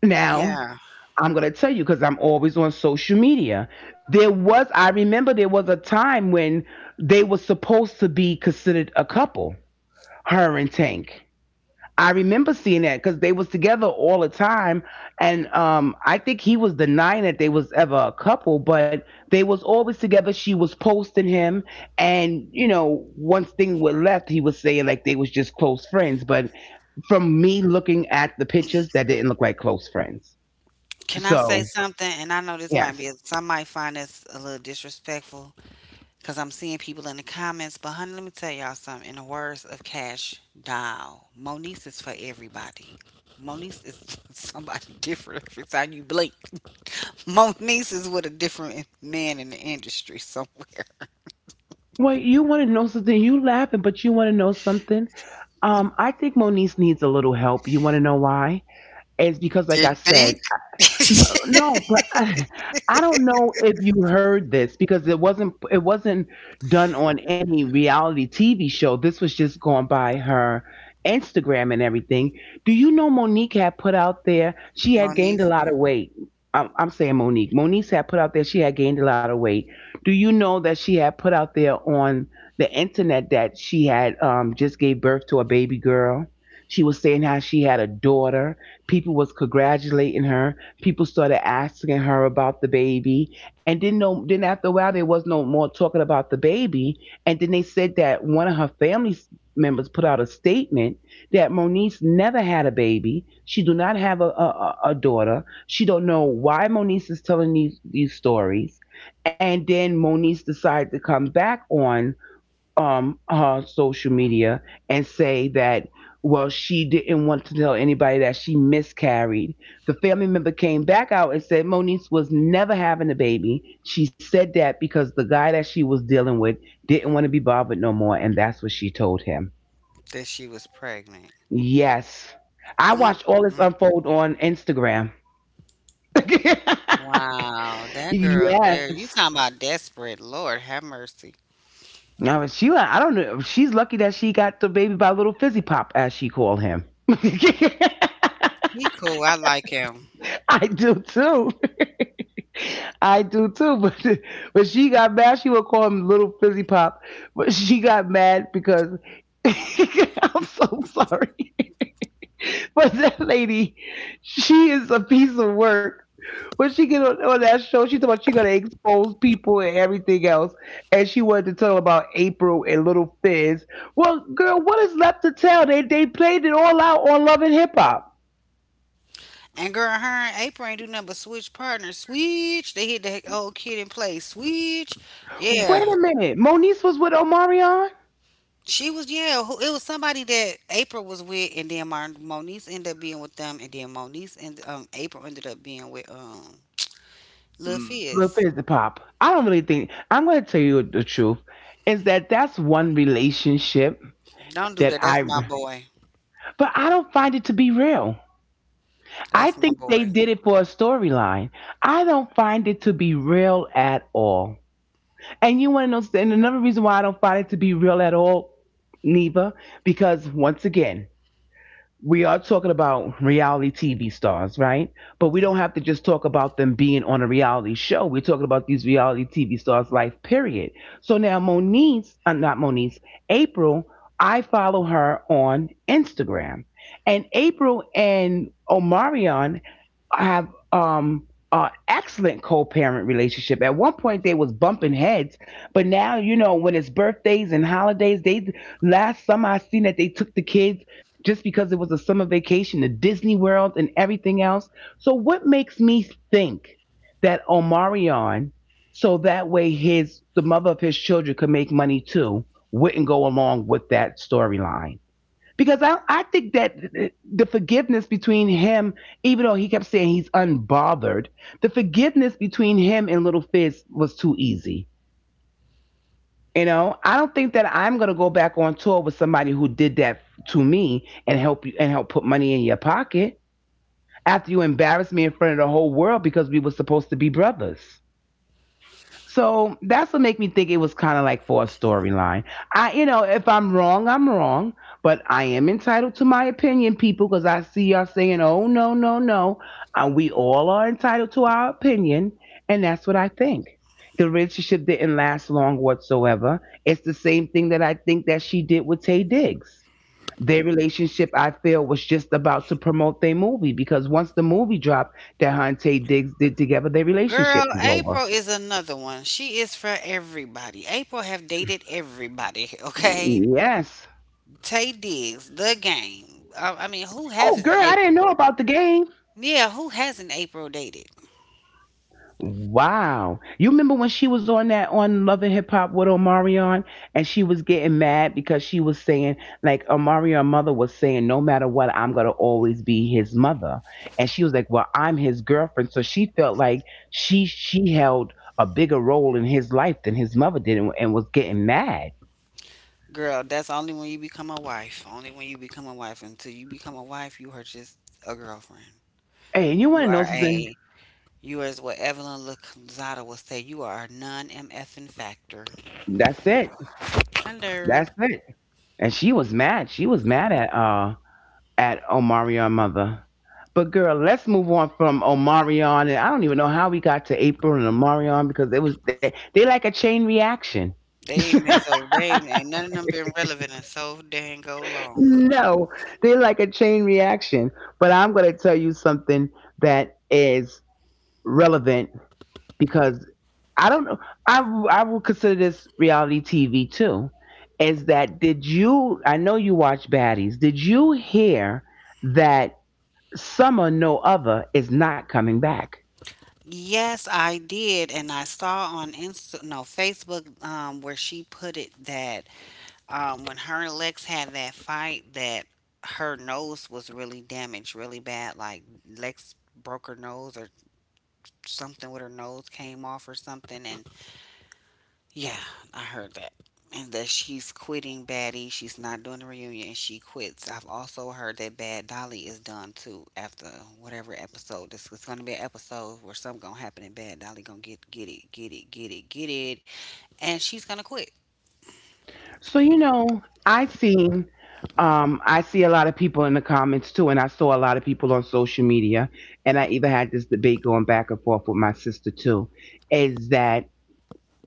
Speaker 2: now
Speaker 1: Yeah.
Speaker 2: I'm gonna tell you because I'm always on social media. There was I remember there was a time when they were supposed to be considered a couple, her and Tank. I remember seeing that because they was together all the time, and um, I think he was denying that they was ever a couple, but they was always together. She was posting him, and you know, once things were left, he was saying like they was just close friends. But from me looking at the pictures, that didn't look like close friends.
Speaker 1: Can I say
Speaker 2: So
Speaker 1: something? And I know this might be,
Speaker 2: yes,
Speaker 1: some might find this a little disrespectful because I'm seeing people in the comments. But, honey, let me tell y'all something. In the words of Cash Doll, Monique is for everybody. Monique is somebody different every time you blink. Monique is with a different man in the industry somewhere.
Speaker 2: well, you want to know something? You laughing, but you want to know something? Um, I think Moniece needs a little help. You want to know why? It's because,
Speaker 1: Did
Speaker 2: like I
Speaker 1: think?
Speaker 2: said, no, no, but I, I don't know if you heard this because it wasn't it wasn't done on any reality T V show. This was just going by her Instagram and everything. Do you know Monique had put out there? She had
Speaker 1: Monique,
Speaker 2: gained a lot of weight. I'm, I'm saying Monique. Monique had put out there she had gained a lot of weight. Do you know that she had put out there on the internet that she had um, just gave birth to a baby girl? She was saying how she had a daughter. People was congratulating her. People started asking her about the baby, and didn't know. Then after a while, there was no more talking about the baby. And then they said that one of her family members put out a statement that Moniece never had a baby. She do not have a, a a daughter. She don't know why Moniece is telling these these stories. And then Moniece decided to come back on um her social media and say that well she didn't want to tell anybody that she miscarried. The family member came back out and said Moniece was never having a baby. She said that because the guy that she was dealing with didn't want to be bothered no more and that's what she told him.
Speaker 1: that she was pregnant.
Speaker 2: Yes, I watched all this
Speaker 1: Mm.
Speaker 2: unfold on Instagram.
Speaker 1: Wow, that girl there.
Speaker 2: Yes,
Speaker 1: You talking about desperate. Lord have mercy.
Speaker 2: now she, I don't know, she's lucky that she got the baby by Little Fizzy Pop, as she called him.
Speaker 1: He cool. I like him.
Speaker 2: I do too. I do too. But but she got mad. She would call him Little Fizzy Pop. But she got mad because I'm so sorry. But that lady, she is a piece of work. When she get on, on that show, she talking about she gonna expose people and everything else, and she wanted to tell about April and Little Fizz. Well, girl, what is left to tell? They they played it all out on Love and Hip Hop.
Speaker 1: And girl, her and April ain't do nothing but switch partners. Switch. They hit the old kid in play. Switch. Yeah.
Speaker 2: Wait a minute, Moniece was with Omarion.
Speaker 1: She was, yeah, who, it was somebody that April was with, and then Mar- Moniece ended up being with them, and then Moniece and um, April ended up being with um Lil
Speaker 2: Mm, well,
Speaker 1: Fizz.
Speaker 2: fizz the pop. I don't really think I'm going to tell you the truth. Is that that's one relationship
Speaker 1: Don't
Speaker 2: that
Speaker 1: do that.
Speaker 2: I,
Speaker 1: That's my boy.
Speaker 2: but I don't find it to be real. I
Speaker 1: That's my
Speaker 2: think they
Speaker 1: boy.
Speaker 2: did it for a storyline. I don't find it to be real at all. And you want to know? And another reason why I don't find it to be real at all, Neva, because once again, we are talking about reality T V stars, right? But we don't
Speaker 1: Mm-hmm.
Speaker 2: have to just talk about them being on a reality show. We're talking about these reality T V stars' life, period. So now Moniece, uh, not Moniece, April, I follow her on Instagram. And April and Omarion I have um uh excellent co-parent relationship. At one point they was bumping heads, but now you know when it's birthdays and holidays, they last summer I seen that they took the kids just because it was a summer vacation to Disney World and everything else. So what makes me think that Omarion, so that way his the mother of his children could make money too, wouldn't go along with that storyline? Because I, I think that the forgiveness between him, even though he kept saying he's unbothered, the forgiveness between him and Little Fizz was too easy. You know, I don't think that I'm gonna go back on tour with somebody who did that to me and help you and help put money in your pocket after you embarrassed me in front of the whole world because we were supposed to be brothers. So that's what make me think it was kind of like for a storyline. I, you know, if I'm wrong, I'm wrong, but I am entitled to my opinion, people, because I see y'all saying, "Oh no, no, no," and we all are entitled to our opinion, and that's what I think. The relationship didn't last long whatsoever. It's the same thing that I think that she did with Tay Diggs. Their relationship, I feel, was just about to promote their movie because once the movie dropped that her and Tay Diggs did together, their
Speaker 1: Girl,
Speaker 2: relationship was over.
Speaker 1: April is another one. She is for everybody. April have dated everybody, okay?
Speaker 2: Yes.
Speaker 1: Tay Diggs, the game. I, I mean, who
Speaker 2: Oh, girl,
Speaker 1: hasn't
Speaker 2: I didn't
Speaker 1: April?
Speaker 2: know about the game.
Speaker 1: Yeah, who hasn't April dated?
Speaker 2: Wow. You remember when she was on that on Love and Hip Hop with Omarion and she was getting mad because she was saying, like, Omarion's mother was saying, no matter what, I'm going to always be his mother. And she was like, well, I'm his girlfriend. So she felt like she she held a bigger role in his life than his mother did and, and was getting mad.
Speaker 1: Girl, that's only when you become a wife. Only when you become a wife. Until you become a wife, you are just a girlfriend.
Speaker 2: Hey, and you want to
Speaker 1: You
Speaker 2: know
Speaker 1: are
Speaker 2: something?
Speaker 1: a, you are, as what Evelyn Lozada will say, you are a non-MFing factor.
Speaker 2: That's it. That's
Speaker 1: Hello.
Speaker 2: it. And she was mad. She was mad at uh at Omarion Mother. But girl, let's move on from Omarion, and I don't even know how we got to April and Omarion because it was they, they like a chain reaction.
Speaker 1: They ain't been so, they ain't, ain't none of them been relevant in so dang go long.
Speaker 2: No, they like a chain reaction. But I'm going to tell you something that is relevant because I don't know. I I will consider this reality T V too. Is that did you? I know you watch Baddies. Did you hear that Summer No Other is not coming back?
Speaker 1: Yes, I did, and I saw on Insta, no, Facebook, um, where she put it that um, when her and Lex had that fight, that her nose was really damaged, really bad. Like Lex broke her nose or something with her nose came off or something, and yeah, I heard that. And that she's quitting Baddie. She's not doing the reunion she quits. I've also heard that Bad Dolly is done too after whatever episode. This is gonna be an episode where something gonna happen and Bad Dolly gonna get get it, get it, get it, get it. And she's gonna quit.
Speaker 2: So, you know, I seen um I see a lot of people in the comments too, and I saw a lot of people on social media, and I even had this debate going back and forth with my sister too, is that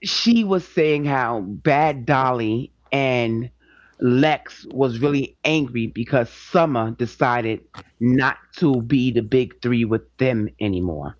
Speaker 2: she was saying how Bad Dolly and Lex was really angry because Summer decided not to be the big three with them anymore.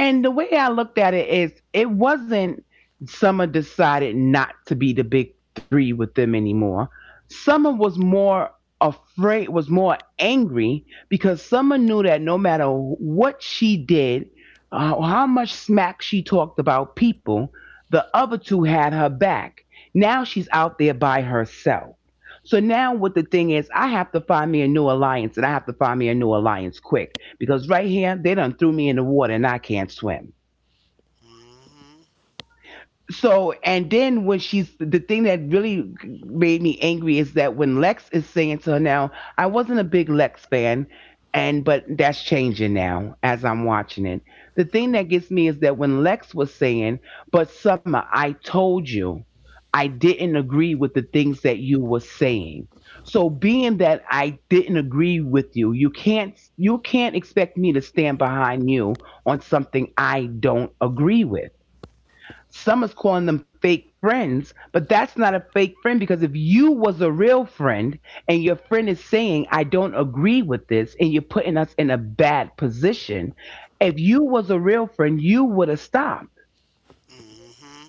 Speaker 2: And the way I looked at it is, it wasn't Summer decided not to be the big three with them anymore. Summer was more afraid, was more angry because Summer knew that no matter what she did, uh, how much smack she talked about people, the other two had her back. Now she's out there by herself. So now what the thing is, I have to find me a new alliance and I have to find me a new alliance quick because right here, they done threw me in the water and I can't swim.
Speaker 1: Mm
Speaker 2: So, and then when she's, the thing that really made me angry is that when Lex is saying to her now, I wasn't a big Lex fan, and but that's changing now as I'm watching it. The thing that gets me is that when Lex was saying, "But Summer, I told you I didn't agree with the things that you were saying. So being that I didn't agree with you, you can't you can't expect me to stand behind you on something I don't agree with." Some is calling them fake friends, but that's not a fake friend because if you was a real friend and your friend is saying, I don't agree with this, and you're putting us in a bad position, if you was a real friend, you would have stopped
Speaker 1: hmm, mm hmm.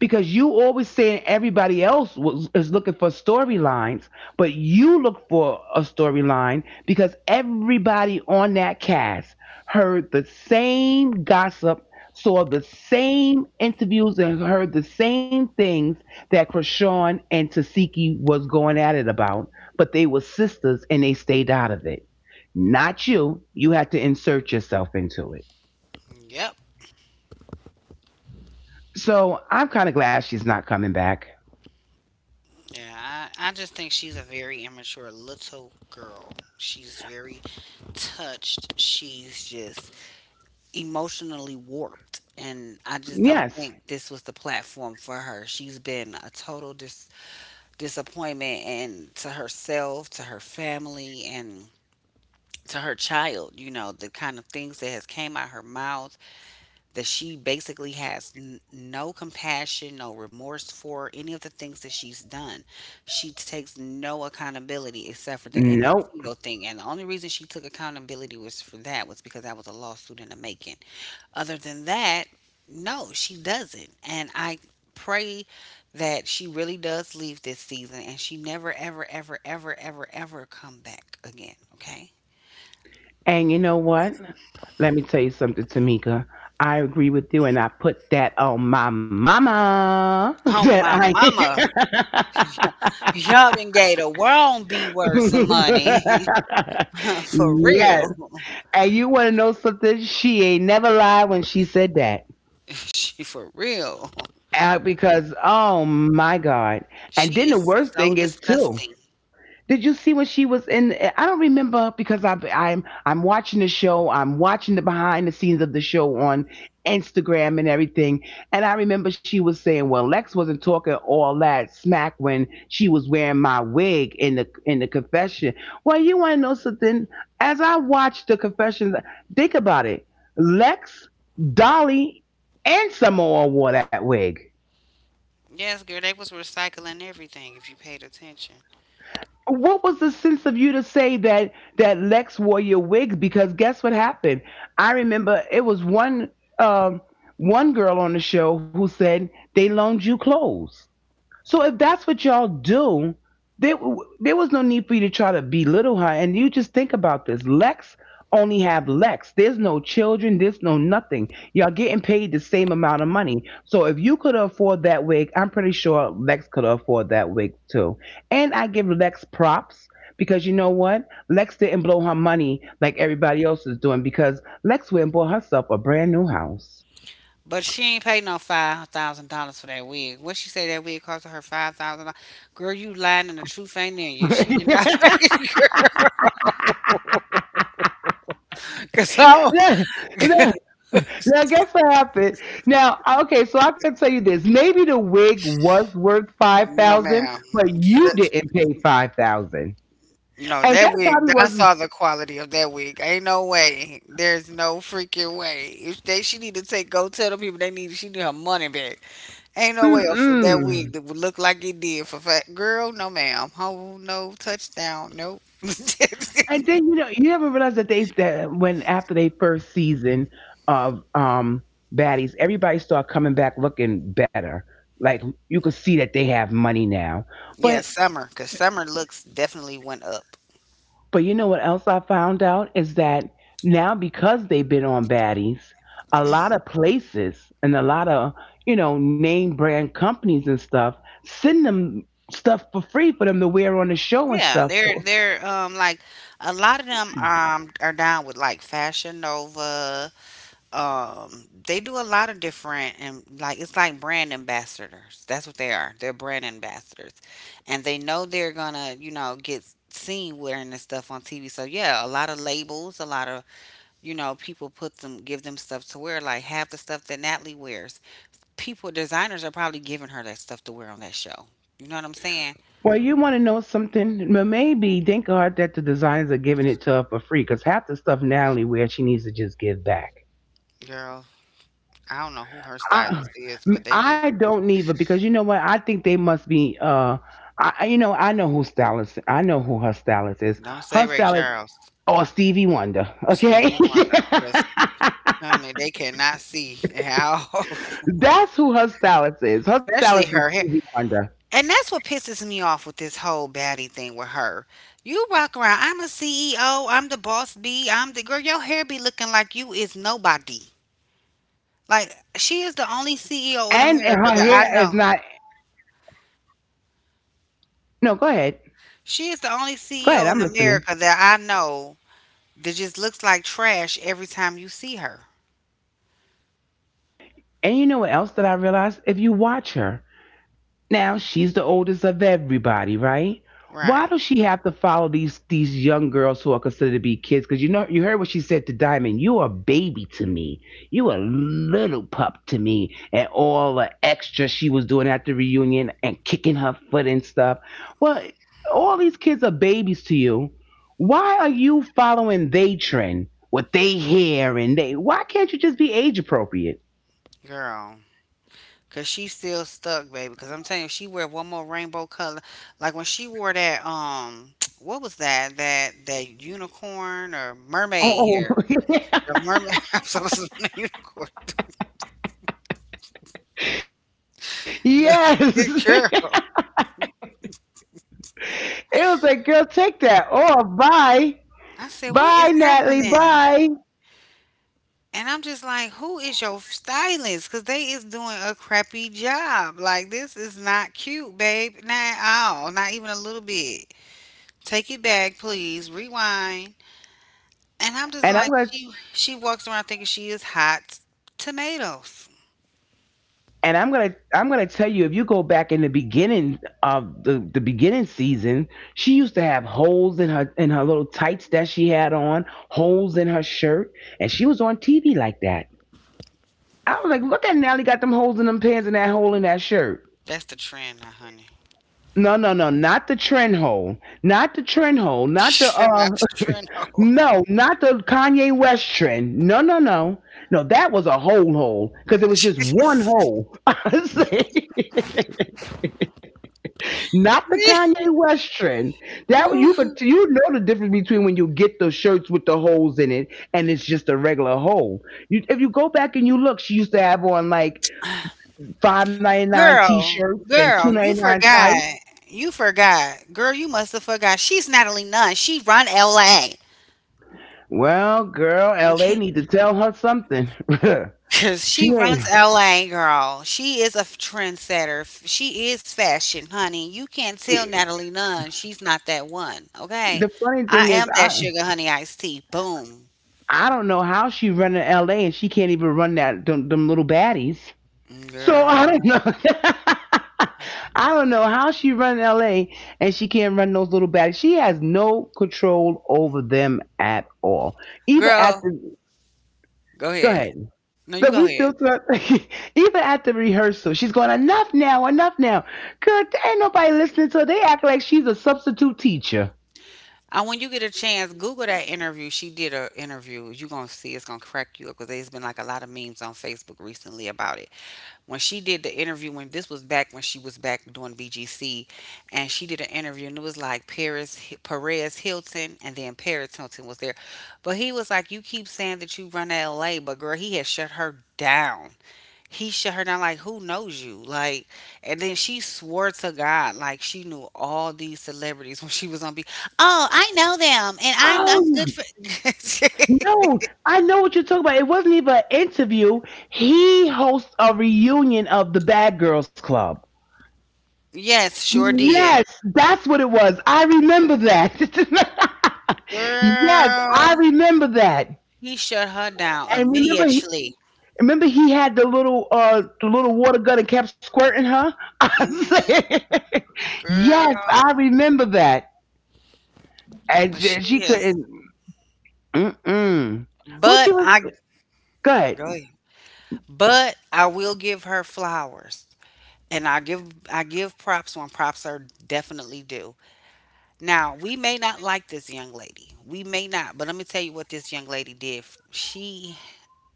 Speaker 2: because you always saying everybody else was, is looking for storylines, but you look for a storyline because everybody on that cast heard the same gossip, saw the same interviews, and heard the same things that Krishan and Tasiki was going at it about. But they were sisters and they stayed out of it. Not you. You had to insert yourself into it.
Speaker 1: Yep.
Speaker 2: So I'm kind of glad she's not coming back.
Speaker 1: Yeah, I, I just think she's a very immature little girl. She's very touched. She's just emotionally warped and I just don't
Speaker 2: Yes.
Speaker 1: think this was the platform for her. She's been a total dis- disappointment and to herself, to her family and to her child, you know, the kind of things that has came out her mouth that she basically has n- no compassion, no remorse for any of the things that she's done. She takes no accountability except for the Emmett
Speaker 2: Nope.
Speaker 1: Till thing. And the only reason she took accountability was for that was because that was a lawsuit in the making. Other than that, no, she doesn't. And I pray that she really does leave this season and she never ever ever ever ever ever come back again, okay?
Speaker 2: And you know what? Let me tell you something, Tamika. I agree with you, and I put that on my mama
Speaker 1: Oh
Speaker 2: that
Speaker 1: my
Speaker 2: I.
Speaker 1: mama. Y'all done gave the wrong B word some money. For
Speaker 2: Yes.
Speaker 1: real.
Speaker 2: And you want to know something? She ain't never lied when she said that.
Speaker 1: She for real.
Speaker 2: Uh, because, oh my God. And
Speaker 1: She
Speaker 2: then the
Speaker 1: is
Speaker 2: worst
Speaker 1: so
Speaker 2: thing is, too,
Speaker 1: disgusting.
Speaker 2: did you see when she was in? I don't remember because I, I'm I'm watching the show. I'm watching the behind the scenes of the show on Instagram and everything. And I remember she was saying, "Well, Lex wasn't talking all that smack when she was wearing my wig in the in the confession." Well, you want to know something? As I watched the confessions, think about it. Lex, Dolly, and Samoa wore that wig.
Speaker 1: Yes, girl, they was recycling everything if you paid attention.
Speaker 2: What was the sense of you to say that that Lex wore your wig? Because guess what happened? I remember it was one um, one girl on the show who said they loaned you clothes. So if that's what y'all do, there there was no need for you to try to belittle her. And you just think about this. Lex only have Lex. There's no children. There's no nothing. Y'all getting paid the same amount of money. So if you could afford that wig, I'm pretty sure Lex could afford that wig too. And I give Lex props because you know what? Lex didn't blow her money like everybody else is doing because Lex went and bought herself a brand new house.
Speaker 1: But she ain't paid no five thousand dollars for that wig. What she say that wig cost her five thousand dollars? Girl, you lying and the truth ain't in you. She did not pay. Cause oh
Speaker 2: Now, guess what happened? Now, okay, so I can tell you this. Maybe the wig was worth five
Speaker 1: no,
Speaker 2: thousand,
Speaker 1: ma'am.
Speaker 2: but you didn't pay five thousand,
Speaker 1: No,
Speaker 2: and
Speaker 1: that
Speaker 2: that
Speaker 1: wig.
Speaker 2: probably
Speaker 1: I
Speaker 2: was.
Speaker 1: saw the quality of that wig. Ain't no way. There's no freaking way. If they, she need to take, go tell the people they need. She need her money back. Ain't no way for that
Speaker 2: Mm-mm.
Speaker 1: wig that would look like it did for fat girl. No, ma'am. Oh no, touchdown. Nope.
Speaker 2: And then you know you ever realize that they that when after they first season of um baddies, everybody start coming back looking better. Like you could see that they have money now,
Speaker 1: Yeah,
Speaker 2: but
Speaker 1: summer. Cause summer looks definitely went up.
Speaker 2: But you know what else I found out is that now because they've been on baddies, a lot of places and a lot of, you know, name brand companies and stuff send them stuff for free for them to wear on the show and
Speaker 1: Yeah,
Speaker 2: stuff.
Speaker 1: they're they're um like a lot of them um are down with like Fashion Nova, um they do a lot of different and like it's like brand ambassadors, that's what they are, they're brand ambassadors, and they know they're gonna you know get seen wearing this stuff on TV. So yeah, a lot of labels, a lot of you know people put them, give them stuff to wear, like half the stuff that Natalie wears, people, designers are probably giving her that stuff to wear on that show, you know what I'm saying?
Speaker 2: Well, you want to know something? Well, maybe thank God that the designers are giving it to her for free because half the stuff Natalie wears, she needs to just give back.
Speaker 1: Girl, i don't know who her
Speaker 2: I
Speaker 1: stylist is, but
Speaker 2: m-
Speaker 1: they need
Speaker 2: I
Speaker 1: to.
Speaker 2: don't neither because you know what I think they must be uh I I- you know I know who stylist I know who her stylist is.
Speaker 1: Don't say
Speaker 2: Her
Speaker 1: Ray
Speaker 2: stylist
Speaker 1: Charles.
Speaker 2: or Stevie Wonder, okay.
Speaker 1: Stevie Wonder, 'cause honey, they cannot see how,
Speaker 2: That's who her stylist is. Her stylist
Speaker 1: especially
Speaker 2: is
Speaker 1: her hair.
Speaker 2: Stevie Wonder.
Speaker 1: And that's what pisses me off with this whole baddie thing with her. You walk around, I'm a C E O, I'm the boss B, I'm the girl. Your hair be looking like you is nobody. Like, she is the only C E O in
Speaker 2: And
Speaker 1: America
Speaker 2: her
Speaker 1: that I
Speaker 2: hair is
Speaker 1: know.
Speaker 2: not, no, go ahead.
Speaker 1: She is the only
Speaker 2: Go ahead,
Speaker 1: C E O in
Speaker 2: I'm listening.
Speaker 1: America that I know that just looks like trash every time you see her.
Speaker 2: And you know what else that I realized if you watch her, now she's the oldest of everybody, right? Why
Speaker 1: Right,
Speaker 2: does she have to follow these these young girls who are considered to be kids? Because you know you heard what she said to Diamond. You a baby to me. You a little pup to me. And all the extra she was doing at the reunion and kicking her foot and stuff. Well, all these kids are babies to you. Why are you following they trend? What they hear and they why can't you just be age appropriate?
Speaker 1: girl. Cause she's still stuck, baby. Cause I'm telling you, if she wear one more rainbow color, like when she wore that, um, what was that? That that unicorn or mermaid
Speaker 2: Oh,
Speaker 1: hair? The mermaid. I'm supposed to say unicorn. The, the
Speaker 2: yes.
Speaker 1: girl.
Speaker 2: It was like, girl, take that. Oh, bye.
Speaker 1: I said, what
Speaker 2: Bye,
Speaker 1: is
Speaker 2: Natalie.
Speaker 1: happening?
Speaker 2: Bye.
Speaker 1: And I'm just like, who is your stylist? Cause they is doing a crappy job. Like this is not cute, babe. Not at all. Not even a little bit. Take it back, please. Rewind. And I'm just
Speaker 2: And
Speaker 1: like,
Speaker 2: I'm gonna
Speaker 1: she she walks around thinking she is hot tomatoes.
Speaker 2: and I'm gonna I'm gonna tell you if you go back in the beginning of the, the beginning season, she used to have holes in her in her little tights that she had on, holes in her shirt, and she was on T V like that. I was like, look at Natalie got them holes in them pants and that hole in that shirt.
Speaker 1: That's the trend now, honey.
Speaker 2: No, no, no, not the trend hole, not the trend hole, not the uh
Speaker 1: Not the trend, oh.
Speaker 2: no, not the Kanye West trend. No, no, no. No, that was a whole hole because it was just one hole. I say, not the Kanye West trend. That you could,
Speaker 1: Ooh,
Speaker 2: you know the difference between when you get the shirts with the holes in it and it's just a regular hole. You, if you go back and you look, she used to have on like five ninety nine t
Speaker 1: Girl,
Speaker 2: shirts and two
Speaker 1: girl, you
Speaker 2: ninety nine
Speaker 1: forgot.
Speaker 2: tights.
Speaker 1: You forgot. Girl, you must have forgot. She's Natalie Nunn. She run L A.
Speaker 2: Well, girl, L A need to tell her something.
Speaker 1: Cause
Speaker 2: She
Speaker 1: she
Speaker 2: ain't.
Speaker 1: runs L A, girl. She is a trendsetter. She is fashion, honey. You can't tell Natalie Nunn she's not that one, okay?
Speaker 2: The funny
Speaker 1: I
Speaker 2: thing is
Speaker 1: am
Speaker 2: I
Speaker 1: that sugar honey iced tea. Boom.
Speaker 2: I don't know how she running L A and she can't even run that them, them little baddies. So I don't
Speaker 1: Girl,
Speaker 2: know. I don't know how she run L A and she can't run those little baddies. She has no control over them at all. Even at
Speaker 1: girl,
Speaker 2: the,
Speaker 1: go
Speaker 2: go
Speaker 1: ahead.
Speaker 2: ahead.
Speaker 1: No, you
Speaker 2: But
Speaker 1: go
Speaker 2: we
Speaker 1: ahead.
Speaker 2: still talk, even at the rehearsal, she's going enough now, enough now. Good, ain't nobody listening to her. They act like she's a substitute teacher.
Speaker 1: And when you get a chance, Google that interview. She did a interview. You're going to see it's going to crack you up because there's been like a lot of memes on Facebook recently about it. When she did the interview, when this was back when she was back doing B G C, and she did an interview and it was like Paris, Perez Hilton, and then Paris Hilton was there. But he was like, you keep saying that you run to L A, but girl, he had shut her down. he shut her down, like, who knows you? Like, and then she swore to god like she knew all these celebrities when she was on B. Oh, i know them and I, i'm good
Speaker 2: Oh,
Speaker 1: for
Speaker 2: no, I know what you're talking about. It wasn't even an interview. He hosts a reunion of the Bad Girls Club.
Speaker 1: yes sure did,
Speaker 2: Yes, that's what it was. I remember that. Yes, I
Speaker 1: girl,
Speaker 2: remember that.
Speaker 1: he shut her down
Speaker 2: And remember, he,
Speaker 1: immediately.
Speaker 2: remember he had the little, uh, the little water gun and kept squirting her. I'm
Speaker 1: Hmm.
Speaker 2: Yes, I
Speaker 1: Girl,
Speaker 2: remember that. And
Speaker 1: but she
Speaker 2: she, she
Speaker 1: is,
Speaker 2: couldn't. Mm-mm. Who she
Speaker 1: but
Speaker 2: was?
Speaker 1: I
Speaker 2: Good.
Speaker 1: go ahead. but i will give her flowers and i give I give props when props are definitely due. Now, we may not like this young lady. We may not, but let me tell you what this young lady did. She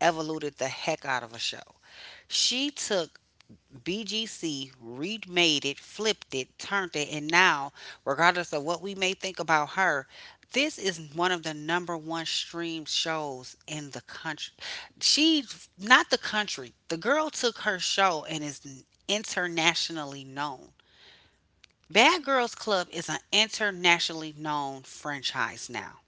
Speaker 1: evoluted the heck out of a show. She took B G C, remade it, flipped it, turned it, and now, regardless of what we may think about her, this is one of the number one streamed shows in the country. She, not the country, the girl took her show and is internationally known. Bad Girls Club is an internationally known franchise now.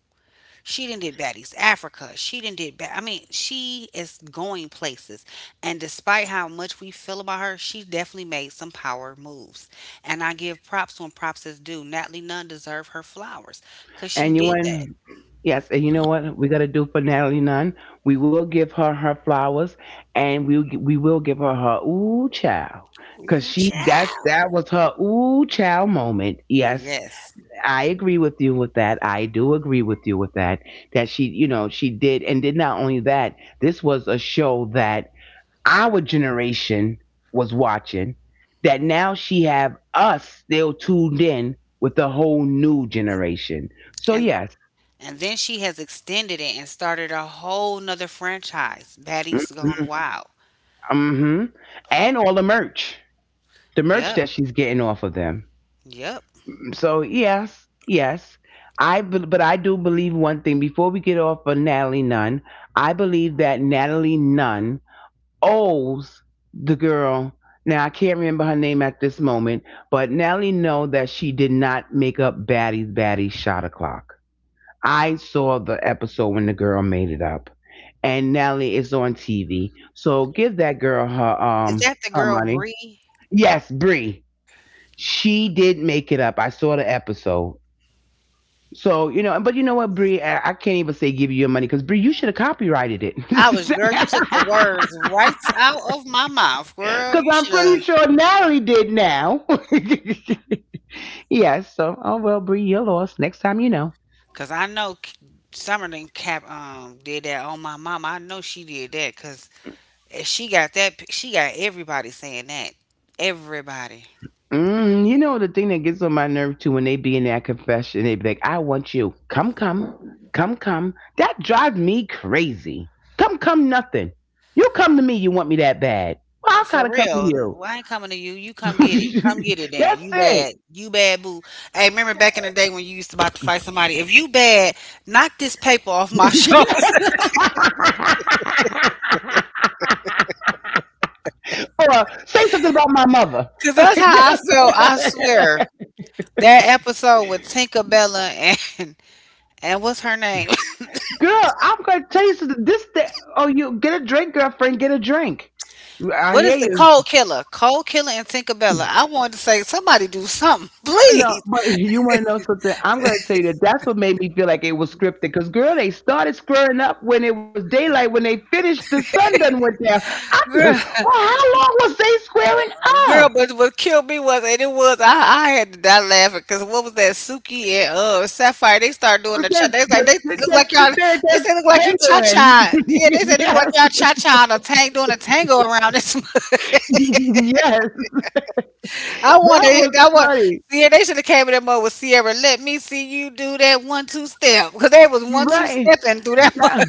Speaker 1: She done did Baddies Africa. She done did bad. I mean, she is going places. And despite how much we feel about her, she definitely made some power moves. And I give props when props is due. Natalie Nunn deserved her flowers because she
Speaker 2: And you
Speaker 1: did that.
Speaker 2: want, yes, and you know what we got to do for Natalie Nunn? We will give her her flowers, and we will gi- we will give her her ooh child, cause
Speaker 1: Ooh,
Speaker 2: she that's that
Speaker 1: child.
Speaker 2: was her ooh child moment. Yes,
Speaker 1: Yes.
Speaker 2: I agree with you with that. I do agree with you with that. That she, you know, she did, and did not only that. This was a show that our generation was watching. That now she have us still tuned in with the whole new generation. So
Speaker 1: And
Speaker 2: yes.
Speaker 1: and then she has extended it and started a whole nother franchise. Baddies
Speaker 2: Mhm,
Speaker 1: Gone Wild.
Speaker 2: mhm. And all the merch, the merch
Speaker 1: Yep.
Speaker 2: that she's getting off of them.
Speaker 1: Yep.
Speaker 2: So yes, yes, I. bel- but I do believe one thing. Before we get off of Natalie Nunn, I believe that Natalie Nunn owes the girl. Now I can't remember her name at this moment, but Natalie know that she did not make up Baddie's Baddie shot o'clock. I saw the episode when the girl made it up, and Nelly is on T V. So give that girl her
Speaker 1: Is
Speaker 2: um
Speaker 1: that the
Speaker 2: her
Speaker 1: girl
Speaker 2: money.
Speaker 1: Bree?
Speaker 2: Yes, Brie. She did make it up. I saw the episode. So, you know, but you know what, Brie? I, I can't even say give you your money because Brie, you should have copyrighted it.
Speaker 1: I was, girl, you took the words right out of my mouth, girl.
Speaker 2: Because
Speaker 1: You
Speaker 2: I'm
Speaker 1: should
Speaker 2: pretty
Speaker 1: have,
Speaker 2: sure Natalie did now. Yes. So, oh well, Brie, you're lost. Next time, you know.
Speaker 1: cause I know K- Summer done Cap um did that on my mama. I know she did that, cause if she got that. pic- She got everybody saying that. Everybody.
Speaker 2: Mm, you know the thing that gets on my nerve too when they be in that confession, they be like, "I want you, come, come, come, come." That drives me crazy. Come, come, nothing. You come to me, you want me that bad. Well, I
Speaker 1: For
Speaker 2: kind of come to
Speaker 1: real,
Speaker 2: you.
Speaker 1: well, I ain't coming to you. You come get it. Come get it then.
Speaker 2: That's
Speaker 1: You
Speaker 2: it.
Speaker 1: bad. You bad boo. Hey, remember back in the day when you used to about to fight somebody? If you bad, knock this paper off my shoulder.
Speaker 2: Yeah. Or say something about my mother.
Speaker 1: Cause that's how I felt. I swear. That episode with Tinkerbella and and what's her name?
Speaker 2: Girl, I'm gonna tell you something. This, that, oh, you get a drink, girlfriend. Get a drink. I
Speaker 1: What is
Speaker 2: hear
Speaker 1: the
Speaker 2: you.
Speaker 1: Cold Killer? Cold Killer and Tinkerbella. I wanted to say somebody do something,
Speaker 2: No,
Speaker 1: please,
Speaker 2: but you want to know something? I'm going to tell you that that's what made me feel like it was scripted. Because, girl, they started squaring up when it was daylight. When they finished, the sun done went down. I, well,
Speaker 1: girl.
Speaker 2: how long was they squaring
Speaker 1: Girl,
Speaker 2: up?
Speaker 1: but what killed me was, and it was I, I had to die laughing because what was that Suki and uh Sapphire? They started doing the cha.
Speaker 2: They're,
Speaker 1: They was like they
Speaker 2: they're,
Speaker 1: look
Speaker 2: they're,
Speaker 1: like y'all.
Speaker 2: they're,
Speaker 1: They
Speaker 2: they're
Speaker 1: say look like you cha
Speaker 2: tangling.
Speaker 1: cha. Yeah, they said they look like
Speaker 2: Yes,
Speaker 1: y'all cha cha on a tank doing a tango around this.
Speaker 2: yes.
Speaker 1: I want
Speaker 2: That
Speaker 1: to
Speaker 2: was
Speaker 1: hit. I want.
Speaker 2: funny.
Speaker 1: See, they should have came in that mode with Sierra. Let me see you do that one two step because they was one two
Speaker 2: Right.
Speaker 1: stepping through that.
Speaker 2: That-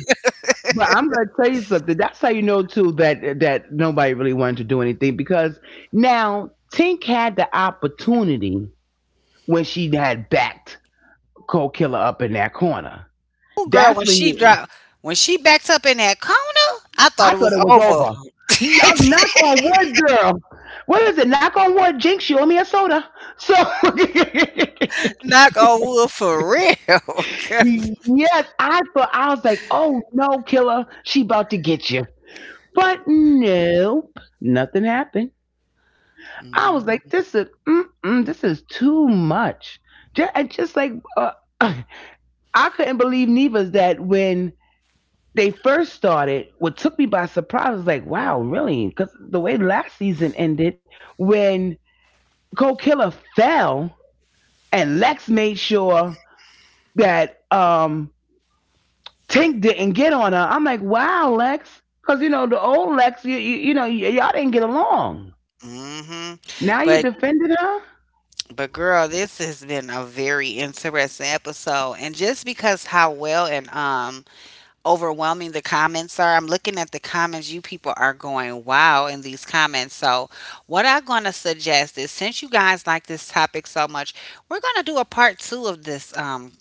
Speaker 2: but I'm going to tell you something. That's how you know, too, that, that nobody really wanted to do anything. Because now, Tink had the opportunity when she had backed Cold Killer up in that corner.
Speaker 1: Girl,
Speaker 2: That's
Speaker 1: when
Speaker 2: when
Speaker 1: she
Speaker 2: you.
Speaker 1: dropped, when she backed up in that corner, I thought
Speaker 2: I
Speaker 1: it
Speaker 2: thought
Speaker 1: was
Speaker 2: it was
Speaker 1: over.
Speaker 2: over. You, uh, knock on wood, girl. What is it? Knock on wood, Jinx. You owe me a soda. So
Speaker 1: Knock on wood for real. 'Cause-
Speaker 2: yes, I thought I was like, oh no, killer, she about to get you. But no, nothing happened. I was like, this is mm-mm, this is too much. Ju- And just like uh, I couldn't believe Neva's that when they first started, what took me by surprise was like, wow, really? Because the way last season ended, when Cole Killer fell and Lex made sure that um, Tink didn't get on her, I'm like, wow, Lex. Because, you know, the old Lex, you, you, you know, y- y'all didn't get along.
Speaker 1: Mm-hmm.
Speaker 2: Now you
Speaker 1: But
Speaker 2: defended her?
Speaker 1: but girl, this has been a very interesting episode, and just because how well and um overwhelming the comments are. I'm looking at the comments. You people are going wow in these comments. So, what I'm going to suggest is, since you guys like this topic so much, we're going to do a part two of this um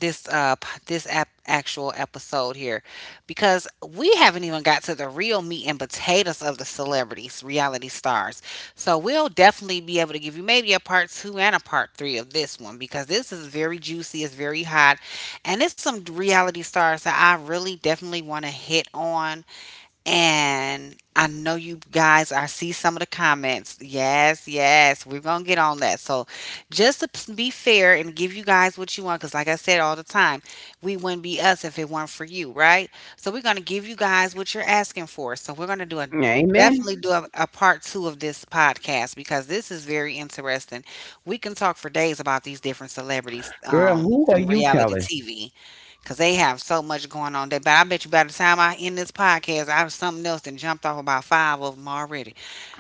Speaker 1: this uh p- this ap- actual episode here, because we haven't even got to the real meat and potatoes of the celebrities, reality stars. So, we'll definitely be able to give you maybe a part two and a part three of this one because this is very juicy, it's very hot, and it's some reality stars that I really definitely want to hit on. And I know you guys, I see some of the comments. Yes, yes, we're going to get on that. So, just to p- be fair and give you guys what you want, because like I said all the time, we wouldn't be us if it weren't for you, right? So, we're going to give you guys what you're asking for. So, we're going to do a,
Speaker 2: Amen.
Speaker 1: definitely do a, a part two of this podcast because this is very interesting. We can talk for days about these different celebrities
Speaker 2: Girl,
Speaker 1: um,
Speaker 2: who are
Speaker 1: from
Speaker 2: you
Speaker 1: reality
Speaker 2: telling?
Speaker 1: T V. Cause they have so much going on there. But I bet you by the time I end this podcast, I have something else that jumped off about five of them already.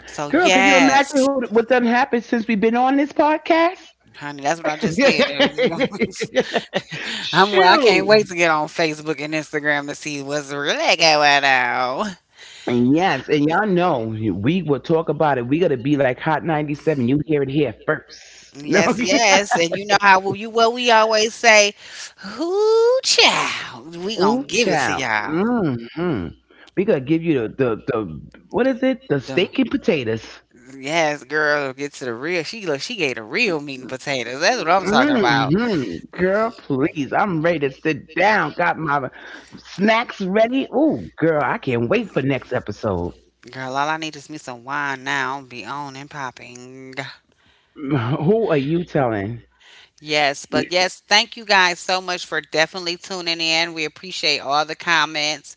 Speaker 1: So
Speaker 2: Girl, could you
Speaker 1: yes,
Speaker 2: imagine who, what done happened since we've been on this podcast?
Speaker 1: honey, that's what I just said. I'm, well, I can't
Speaker 2: Shoot.
Speaker 1: wait to get on Facebook and Instagram to see what's really going on.
Speaker 2: And yes, and y'all know we will talk about it. We gotta be like Hot ninety-seven. You hear it here first.
Speaker 1: Yes,
Speaker 2: Okay.
Speaker 1: yes. And you know how we- you what we always say, who child. We gonna
Speaker 2: Ooh,
Speaker 1: give it to
Speaker 2: child.
Speaker 1: y'all.
Speaker 2: Hmm. We gotta give you the, the the what is it? The
Speaker 1: Them-
Speaker 2: steak and potatoes.
Speaker 1: Yes, girl, get to the real. She look, she gave the real meat and potatoes. That's what I'm talking about.
Speaker 2: Hmm. Girl, please. I'm ready to sit down. Got my snacks ready. Ooh, girl, I can't wait for next episode.
Speaker 1: Girl, all I need is me some wine now. Be on and popping.
Speaker 2: Who are you telling?
Speaker 1: Yes, but yes, thank you guys so much for definitely tuning in. We appreciate all the comments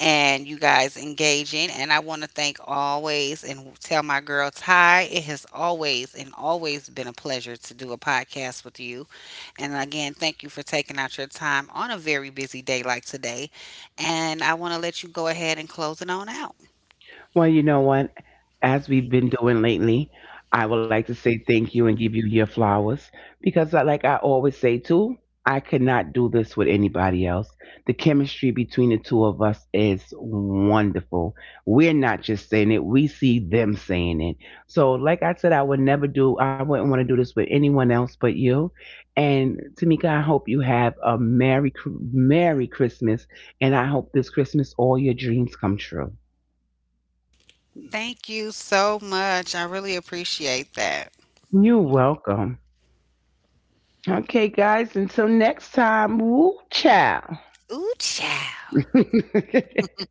Speaker 1: and you guys engaging. And I want to thank always and tell my girl Ty, it has always and always been a pleasure to do a podcast with you. And again, thank you for taking out your time on a very busy day like today. And I want to let you go ahead and close it on out.
Speaker 2: Well, you know what? As we've been doing lately, I would like to say thank you and give you your flowers because, I, like I always say too, I could not do this with anybody else. The chemistry between the two of us is wonderful. We're not just saying it, we see them saying it. So, like I said, I would never do, I wouldn't want to do this with anyone else but you. And Tamika, I hope you have a Merry, Cr- Merry Christmas. And I hope this Christmas all your dreams come true.
Speaker 1: Thank you so much. I really appreciate that.
Speaker 2: You're welcome. Okay, guys, until next time, woo chow.
Speaker 1: Ooh, child.